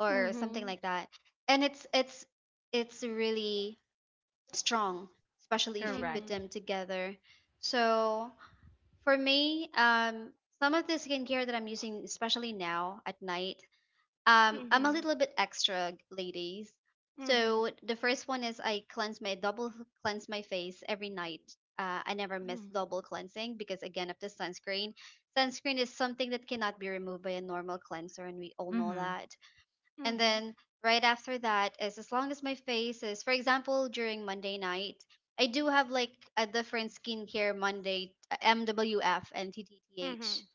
or something
Mhm.
like that. And it's really strong, especially if you
Correct.
put
Mhm.
them together. So for me, some of the skincare that I'm using, especially now at night, I'm a
Mhm.
little bit extra, ladies. So the first one is I cleanse my double cleanse my face every night. I never miss
Mhm.
double cleansing because again of the sunscreen. Sunscreen is something that cannot be removed by a normal cleanser, and we all know
Mm-hmm.
that. And
Mhm.
then right after that is, as long as my face is, for example, during Monday night, I do have like a different skincare Monday, MWF and TTTH,
Mhm.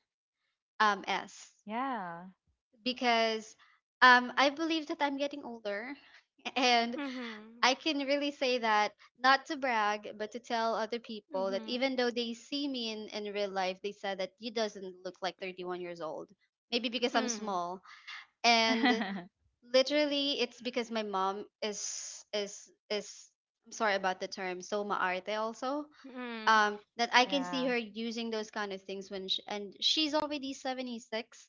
S,
Yeah.
because I believe that I'm getting older. And
Mhm.
I can really say that, not to brag, but to tell other
Mhm.
people
Mhm.
that even though they see me in real life, they said that you doesn't look like 31 years old. Maybe because I'm
Mhm.
small. And literally it's because my mom is, I'm sorry about the term, so maarte also.
Mhm.
That I
But.
can see
Yeah.
her using those kind of things when she, and she's already 76,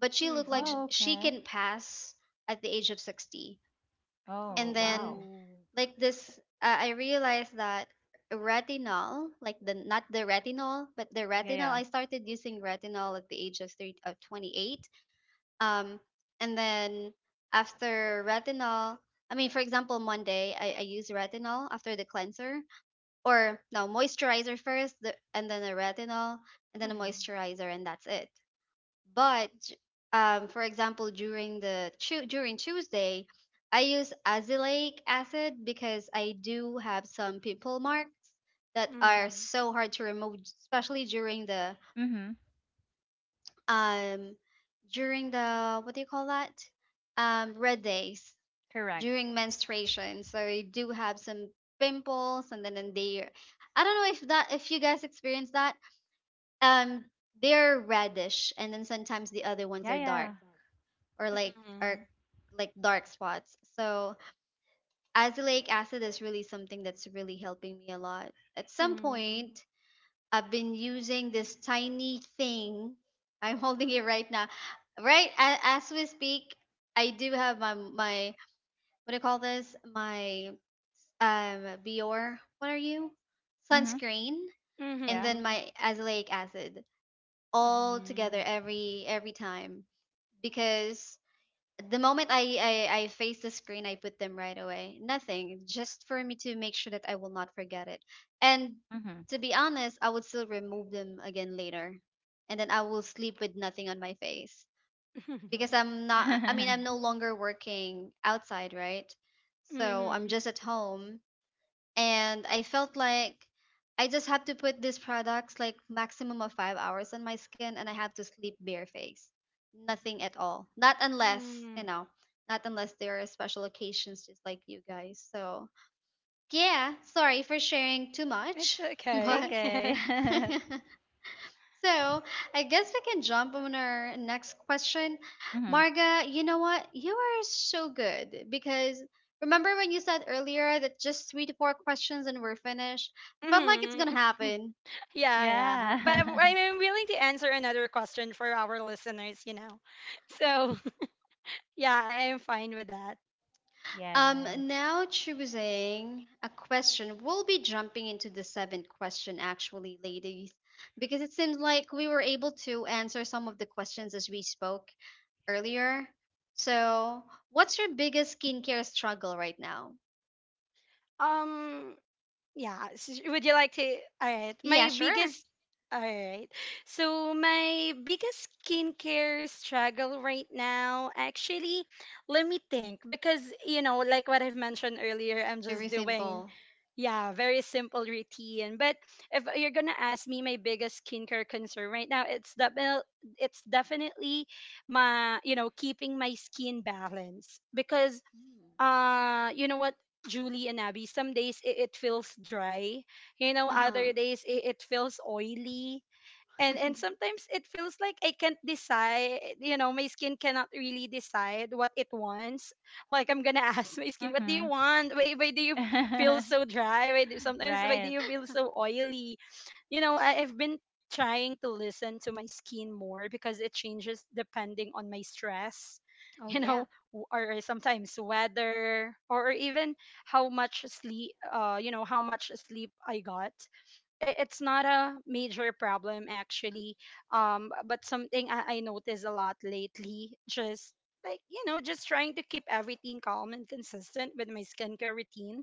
but she looked like
Oh,
Mhm.
she
okay.
can pass at the age of 60.
Oh,
And then
wow.
Oh.
like this, I realized that retinol, like the not the retinol but the
Yeah,
retinol,
yeah.
I started using retinol at the age of 30, of 28. um and then after retinol, I mean for example Monday, I use retinol after the cleanser, or no, moisturizer first, the, and then a retinol and then a
Mhm.
moisturizer, and that's it. But for example, during the during Tuesday, I use azelaic acid because I do have some pimple marks that are
Mhm.
so hard to remove, especially during the
Mm-hmm.
um during the, what do you call that? Red days,
Correct.
during menstruation. So I do have some pimples, and then and they, I don't know if that, if you guys experience that. Um, they're reddish, and then sometimes the other ones
Yeah,
are dark,
yeah.
or like, or
Mhm.
like dark spots. So azelaic acid is really something that's really helping me a lot. At some
Mhm.
point, I've been using this tiny thing. I'm holding it right now. Right as we speak, I do have my, what do you call this, my um Bior. What are you?
Mm-hmm.
Sunscreen and
Yeah.
then
Mhm.
my azelaic acid
Oh
all together
no.
every time, because the moment I face the screen, I put them right away. Nothing, just for me to make sure that I will not forget it. And
Mm-hmm.
to be honest, I would still remove them again later, and then I will sleep with nothing on my face because I'm not. I mean, I'm no longer working outside, right? So I'm
Mhm.
just at home, and I felt like I just had to put these products like maximum of 5 hours on my skin, and I had to sleep barefaced, nothing at all. Not unless,
Mhm.
not unless there are special occasions, just like you guys. So yeah, sorry for sharing too
It's
much,
It's
but
okay.
okay.
So I guess we can jump on our next question.
Mm-hmm.
Marga, you know what? You are so good because remember when you said earlier that just three to four questions and we're finished? I felt like it's gonna
Mhm.
happen.
Yeah, yeah. But I'm
Yeah.
I'm willing to answer another question for our listeners, you know. So, yeah, I am fine with that.
Yes.
Now choosing a question. We'll be jumping into the seventh question, actually, ladies, because it seems like we were able to answer some of the questions as we spoke earlier. So, what's your biggest skincare struggle right now?
Um, yeah, would you like to? All right. My
Yeah, sure.
biggest, all right. So, my biggest skincare struggle right now, actually, let me think because, you know, like what I've mentioned earlier, I'm just
Very
doing
simple.
yeah, very simple routine. But if you're gonna ask me my biggest skincare concern right now, it's definitely my, you know, keeping my skin balance because
Mm.
you know what, Julie and Abby, some days it feels dry, you know, other
Uh-huh.
days it feels oily, and sometimes it feels like I can't decide, you know, my skin cannot really decide what it wants. Like I'm gonna ask my skin, what do you
Mm-hmm.
want? Why do you feel so dry? Why do, sometimes why do
Right.
you feel so oily? You know, I've been trying to listen to my skin more because it changes depending on my stress,
Oh,
you know,
yeah.
or sometimes weather or even how much sleep, you know, how much sleep I got. It's not a major problem actually, but something I noticed a lot lately, just like you know, just trying to keep everything calm and consistent with my skincare routine.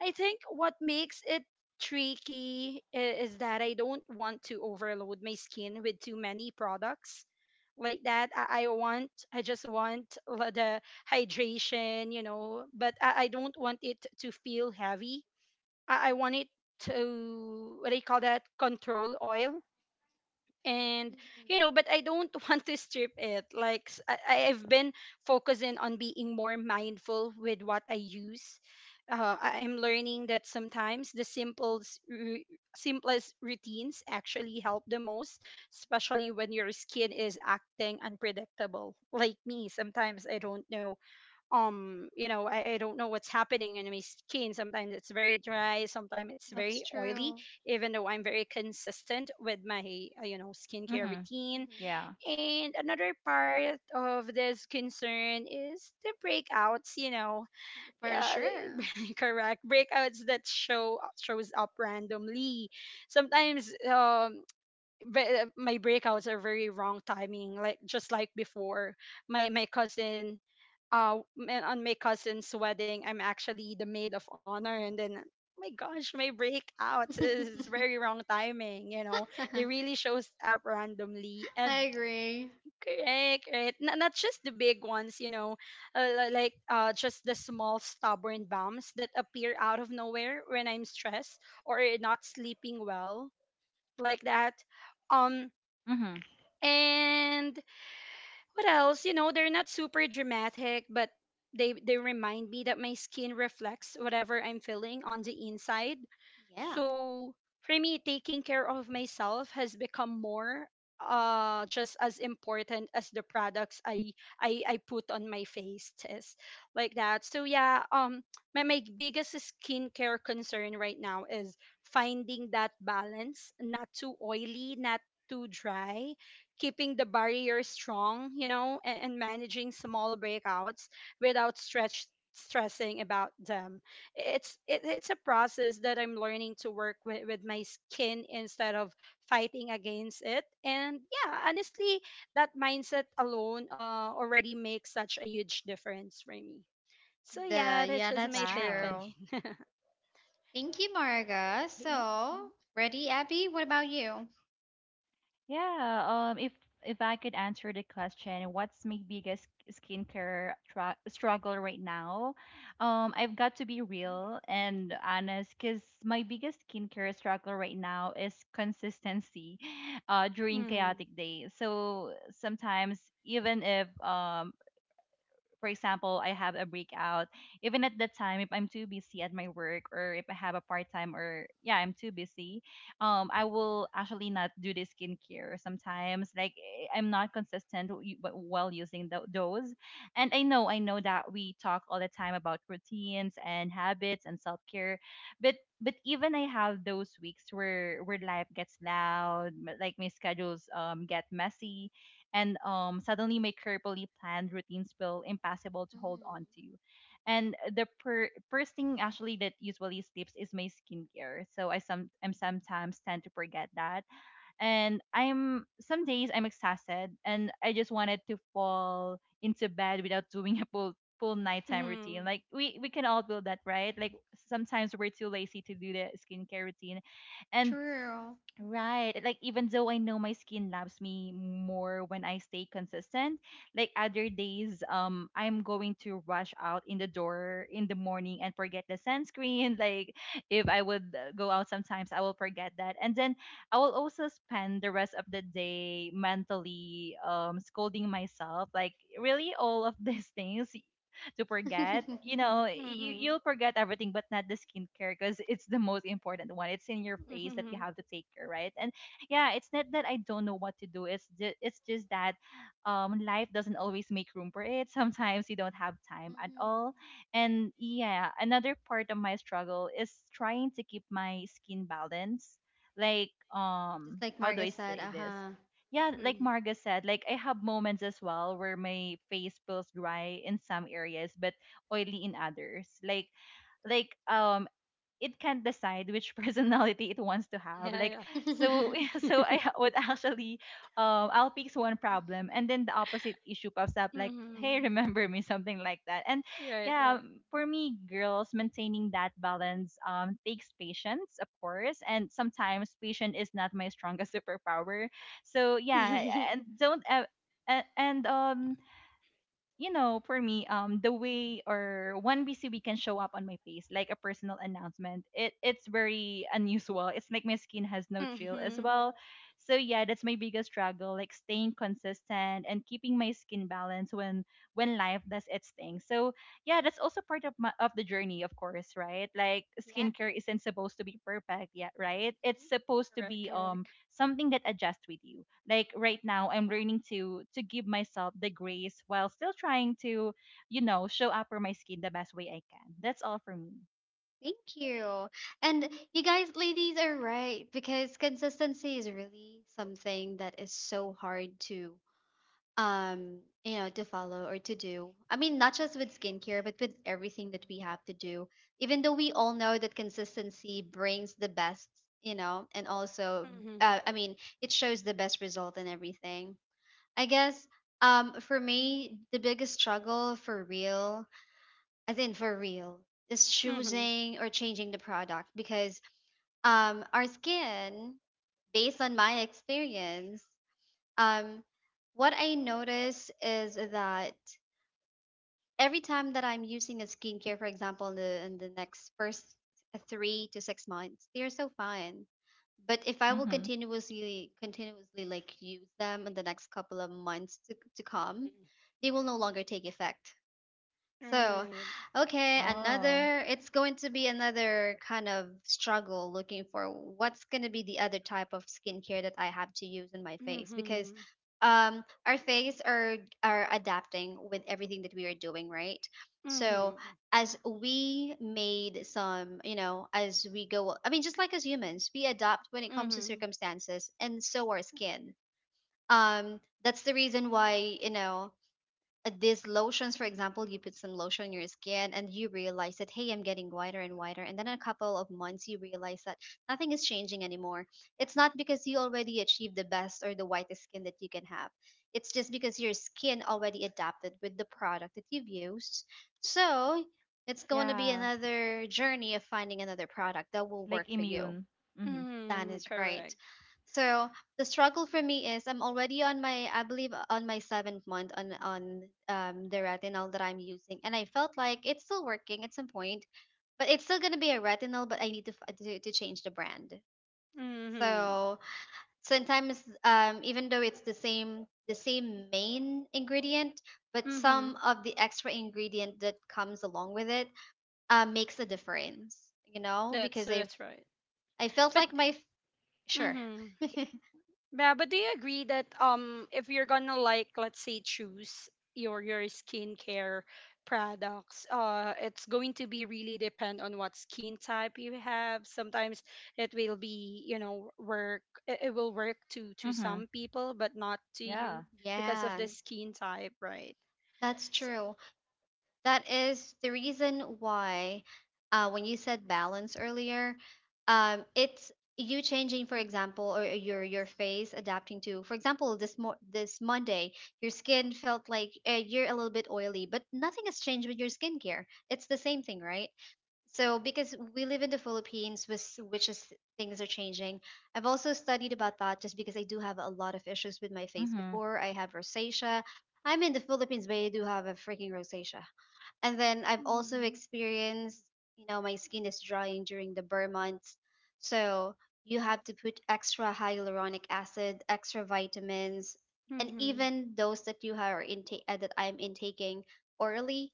I think what makes it tricky is that I don't want to overload my skin with too many products like that. I want, I just want the hydration, you know, but I don't want it to feel heavy. I want it to, what do you call that, control oil. And you know,
Hmm.
but I don't want to strip it like I've been focusing on being more mindful with what I use. I'm learning that sometimes the simplest routines actually help the most, especially when your skin is acting unpredictable like me. Sometimes I don't know, you know, I don't know what's happening in my skin. Sometimes it's very dry, sometimes it's
That's
very oily,
true.
even though I'm very consistent with my, you know, skincare
Mm-hmm.
routine.
Hmm.
Yeah.
And another part of this concern is the breakouts, you know.
For
Yeah,
sure.
correct, breakouts that shows up randomly sometimes. My breakouts are very wrong timing, like just like before my cousin, on my cousin's wedding, I'm actually the maid of honor, and then my gosh, my breakout is very wrong timing, you know. They really shows up randomly. And
I agree.
correct, right. Not just the big ones, you know, like just the small stubborn bumps that appear out of nowhere when I'm stressed or not sleeping well, like that. um
Mm-hmm.
and what else? You know, they're not super dramatic, but they remind me that my skin reflects whatever I'm feeling on the inside.
Yeah.
So for me, taking care of myself has become more, just as important as the products I put on my face, is like that. So yeah, my, my biggest skincare concern right now is finding that balance, not too oily, not too dry, keeping the barrier strong, you know, and managing small breakouts without stretch stressing about them. It's a process that I'm learning to work with my skin instead of fighting against it. And yeah, honestly, that mindset alone, already makes such a huge difference for me. So yeah,
The
that's
yeah,
just
that's
my take on
Wow.
true.
it.
Thank you, Marga. So, ready, Abby? What about you?
Yeah, if I could answer the question, what's my biggest skincare struggle right now? I've got to be real and honest, because my biggest skincare struggle right now is consistency, during
Mm,
chaotic days. So sometimes, even if for example, I have a breakout, even at that time, if I'm too busy at my work or if I have a part time or, yeah, I'm too busy, I will actually not do the skincare sometimes. Like, eh, I'm not consistent while using those. And I know that we talk all the time about routines and habits and self care, but but even I have those weeks where life gets loud, like my schedules get messy and, suddenly my carefully planned routines feel impossible to hold on to.
Hmm.
And first thing actually that usually slips is my skincare. So I some I'm sometimes tend to forget that, and I'm some days I'm exhausted and I just wanted to fall into bed without doing a full full nighttime routine.
mhm,
Like, we can all do that, right? Like sometimes we're too lazy to do the skincare routine, and
True.
right. Like even though I know my skin loves me more when I stay consistent, like other days, I'm going to rush out in the door in the morning and forget the sunscreen. Like if I would, go out sometimes, I will forget that. And then I will also spend the rest of the day mentally scolding myself. Like, really all of these things to forget.
Hmm.
You know,
mhm,
you'll forget everything, but not the skincare because it's the most important one. It's in your face that you
mhm,
have to take care, right? And yeah, it's not that I don't know what to do. It's just that life doesn't always make room for it. Sometimes you don't have time at all. And yeah, another part of my struggle is trying to keep my skin balance. Like,
Just like
how do
Marga
I
said,
say this?
uh-huh.
Yeah, like
mhm.
Marga said, like I have moments as well where my face feels dry in some areas but oily in others. Like like um it can decide which personality it wants to have, like,
Yeah,
so so
yeah.
would actually, I'll fix one problem and then the opposite issue pops up like, hey,
Mm-hmm.
remember me? Something like that. And
Right,
yeah, for me, girls, maintaining that balance takes patience, of course, and sometimes patience is not my strongest superpower. So yeah,
right.
and don't, and you know, for me, the way or one BCB can show up on my face, like a personal announcement, it's very unusual. It's like my skin has no chill as
Mm-hmm.
well. So yeah, that's my biggest struggle, like staying consistent and keeping my skin balance when life does its thing. So yeah, that's also part of my of the journey, of course, right? Like
Yes.
skincare isn't supposed to be perfect yet, right? It's supposed to
Correct,
be
correct.
something that adjusts with you. Like right now I'm learning to give myself the grace while still trying to, you know, show up for my skin the best way I can. That's all for me.
Thank you. And you guys, ladies, are right because consistency is really something that is so hard to, you know, to follow or to do. I mean, not just with skincare, but with everything that we have to do. Even though we all know that consistency brings the best, you know, and also,
Mm-hmm.
I mean, it shows the best result in everything. I guess, for me, the biggest struggle for real, as in for real, is
Mm-hmm.
choosing or changing the product because our skin, based on my experience, um what I notice is that every time that I'm using a skincare, for example, in the next first 3 to 6 months they are so fine. But if I will
Mm-hmm.
continuously like use them in the next couple of months to come, they will no longer take effect. So,
Right.
okay,
Oh,
another, it's going to be another kind of struggle, looking for what's going to be the other type of skincare that I have to use in my face. Because
Mm-hmm.
our face are adapting with everything that we are doing, right? So,
Mm-hmm.
as we made some, you know, as we go, I mean, just like as humans, we adapt when it comes to
Mm-hmm.
circumstances, and so our skin. That's the reason why, you know, these lotions, for example, you put some lotion on your skin and you realize that, hey, I'm getting whiter and whiter, and then a couple of months you realize that nothing is changing anymore. It's not because you already achieved the best or the whitest skin that you can have. It's just because your skin already adapted with the product that you've used. So it's going to be
yeah.
another journey of finding another product that will
Like
work for you.
immune. Mm-hmm.
That
Mm-hmm.
is right.
Correct.
So the struggle for me is I'm already on my, I believe on my seventh month on the retinol that I'm using, and I felt like it's still working at some point, but it's still gonna be a retinol, but I need to to change the brand.
Mm-hmm.
So sometimes even though it's the same main ingredient, but
Mm-hmm.
some of the extra ingredient that comes along with it, makes a difference, you know, because I've
That's right.
I felt
But
like my sure.
mm-hmm. Yeah, but do you agree that if you're gonna like, let's say, choose your skincare products, it's going to be really depend on what skin type you have. Sometimes it will be, you know, work, it will work to
Mm-hmm.
some people but not to
Yeah.
you, because of
Yeah,
the skin type, right?
that's
So,
true. That is the reason why, when you said balance earlier, it's you changing, for example, or your face adapting to, for example, this mo this Monday, your skin felt like, you're a little bit oily, but nothing has changed with your skincare. It's the same thing, right? So because we live in the Philippines, with which is, things are changing. I've also studied about that just because I do have a lot of issues with my face.
Mm-hmm.
Before, I have rosacea. I'm in the Philippines, but I do have a freaking rosacea. And then I've also
mhm.
experienced, you know, my skin is drying during the burr months. So you have to put extra hyaluronic acid, extra vitamins, and
Mhm.
even those that you are intake, that I'm intaking orally,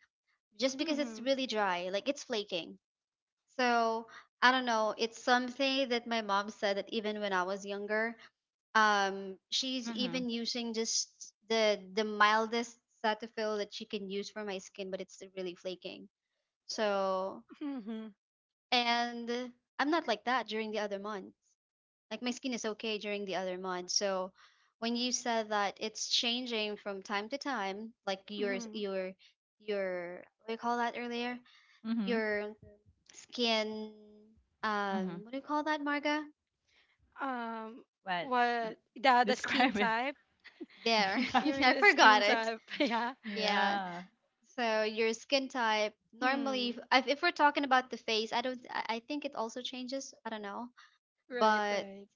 just because it's
Mhm.
really dry, like it's flaking. So I don't know. It's something that my mom said that, even when I was younger, she's
Mm-hmm.
even using just the mildest Cetaphil that she can use for my skin, but it's really flaking. So
Mhm.
and I'm not like that during the other months. Like my skin is okay during the other months. So when you said that it's changing from time to time, like
Mhm.
your, what do you call that earlier?
Mm-hmm.
Your skin,
Mm-hmm.
what do you call that, Marga?
Um
But
what,
d-
the skin
describe it.
type?
There,
Yeah.
You mean
I
the
forgot
skin
it.
type, yeah.
Yeah,
Yeah.
so your skin type, normally,
Mm.
if we're talking about the face, I don't I think it also changes, I don't know.
Right,
But
right.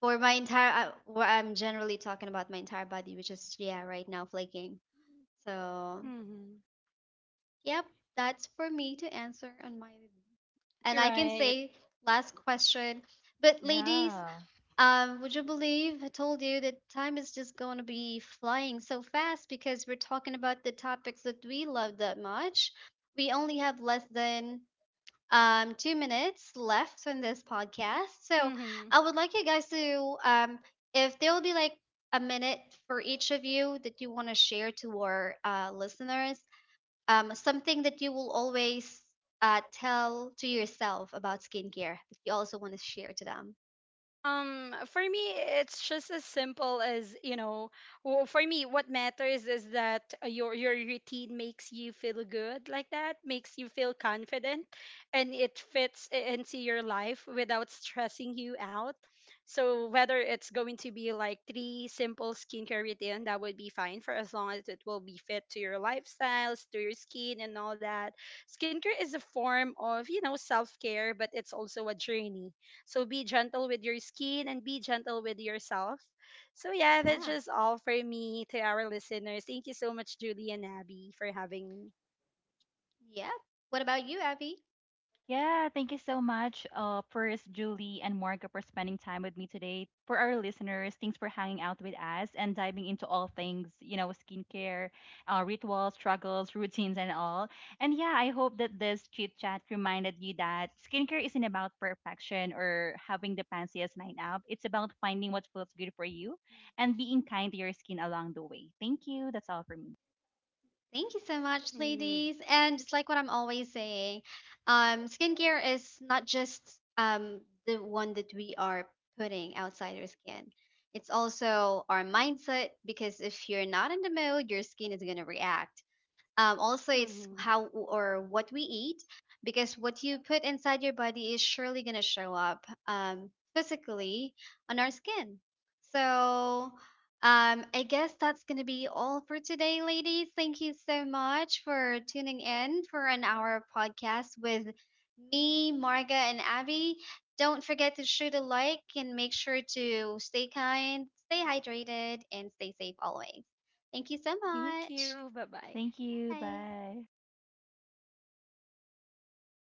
for my entire what I'm generally talking about, my entire body, which is, yeah, right now flaking. So
Mm-hmm.
yep, that's for me to answer on my, and I can
Right.
say, last question. But ladies,
Yeah.
Would you believe I told you that time is just going to be flying so fast, because we're talking about the topics that we love that much. We only have less than, 2 minutes left in this podcast. So
Mm-hmm.
I would like you guys to, if there will be like a minute for each of you, that you want to share to our, listeners, something that you will always, tell to yourself about skincare that you also want to share to them.
For me, it's just as simple as you know. Well, for me, what matters is that, your routine makes you feel good, like that, makes you feel confident, and it fits into your life without stressing you out. So whether it's going to be like three simple skincare routine, that would be fine for as long as it will be fit to your lifestyles, to your skin, and all that. Skincare is a form of you know self care, but it's also a journey, so be gentle with your skin and be gentle with yourself. So yeah, that's
Yeah.
just all for me to our listeners. Thank you so much, Julie and Abby, for having me.
Yep. What about you, Abby?
Yeah, thank you so much, first Julie and Marga for spending time with me today. For our listeners, thanks for hanging out with us and diving into all things, you know, skincare, rituals, struggles, routines, and all. And yeah, I hope that this chit chat reminded you that skincare isn't about perfection or having the fanciest night out. It's about finding what feels good for you and being kind to your skin along the way. Thank you. That's all for me.
Thank you so much,
Mm-hmm.
ladies. And just like what I'm always saying, skincare is not just, the one that we are putting outside our skin. It's also our mindset, because if you're not in the mood, your skin is going to react. Also, it's
Mm-hmm.
how or what we eat, because what you put inside your body is surely going to show up, physically on our skin. So I guess that's going to be all for today, ladies. Thank you so much for tuning in for an hour podcast with me, Marga, and Abby. Don't forget to shoot a like, and make sure to stay kind, stay hydrated, and stay safe always. Thank you so
Thank
much.
you. Bye bye.
Thank you.
Bye.
Bye.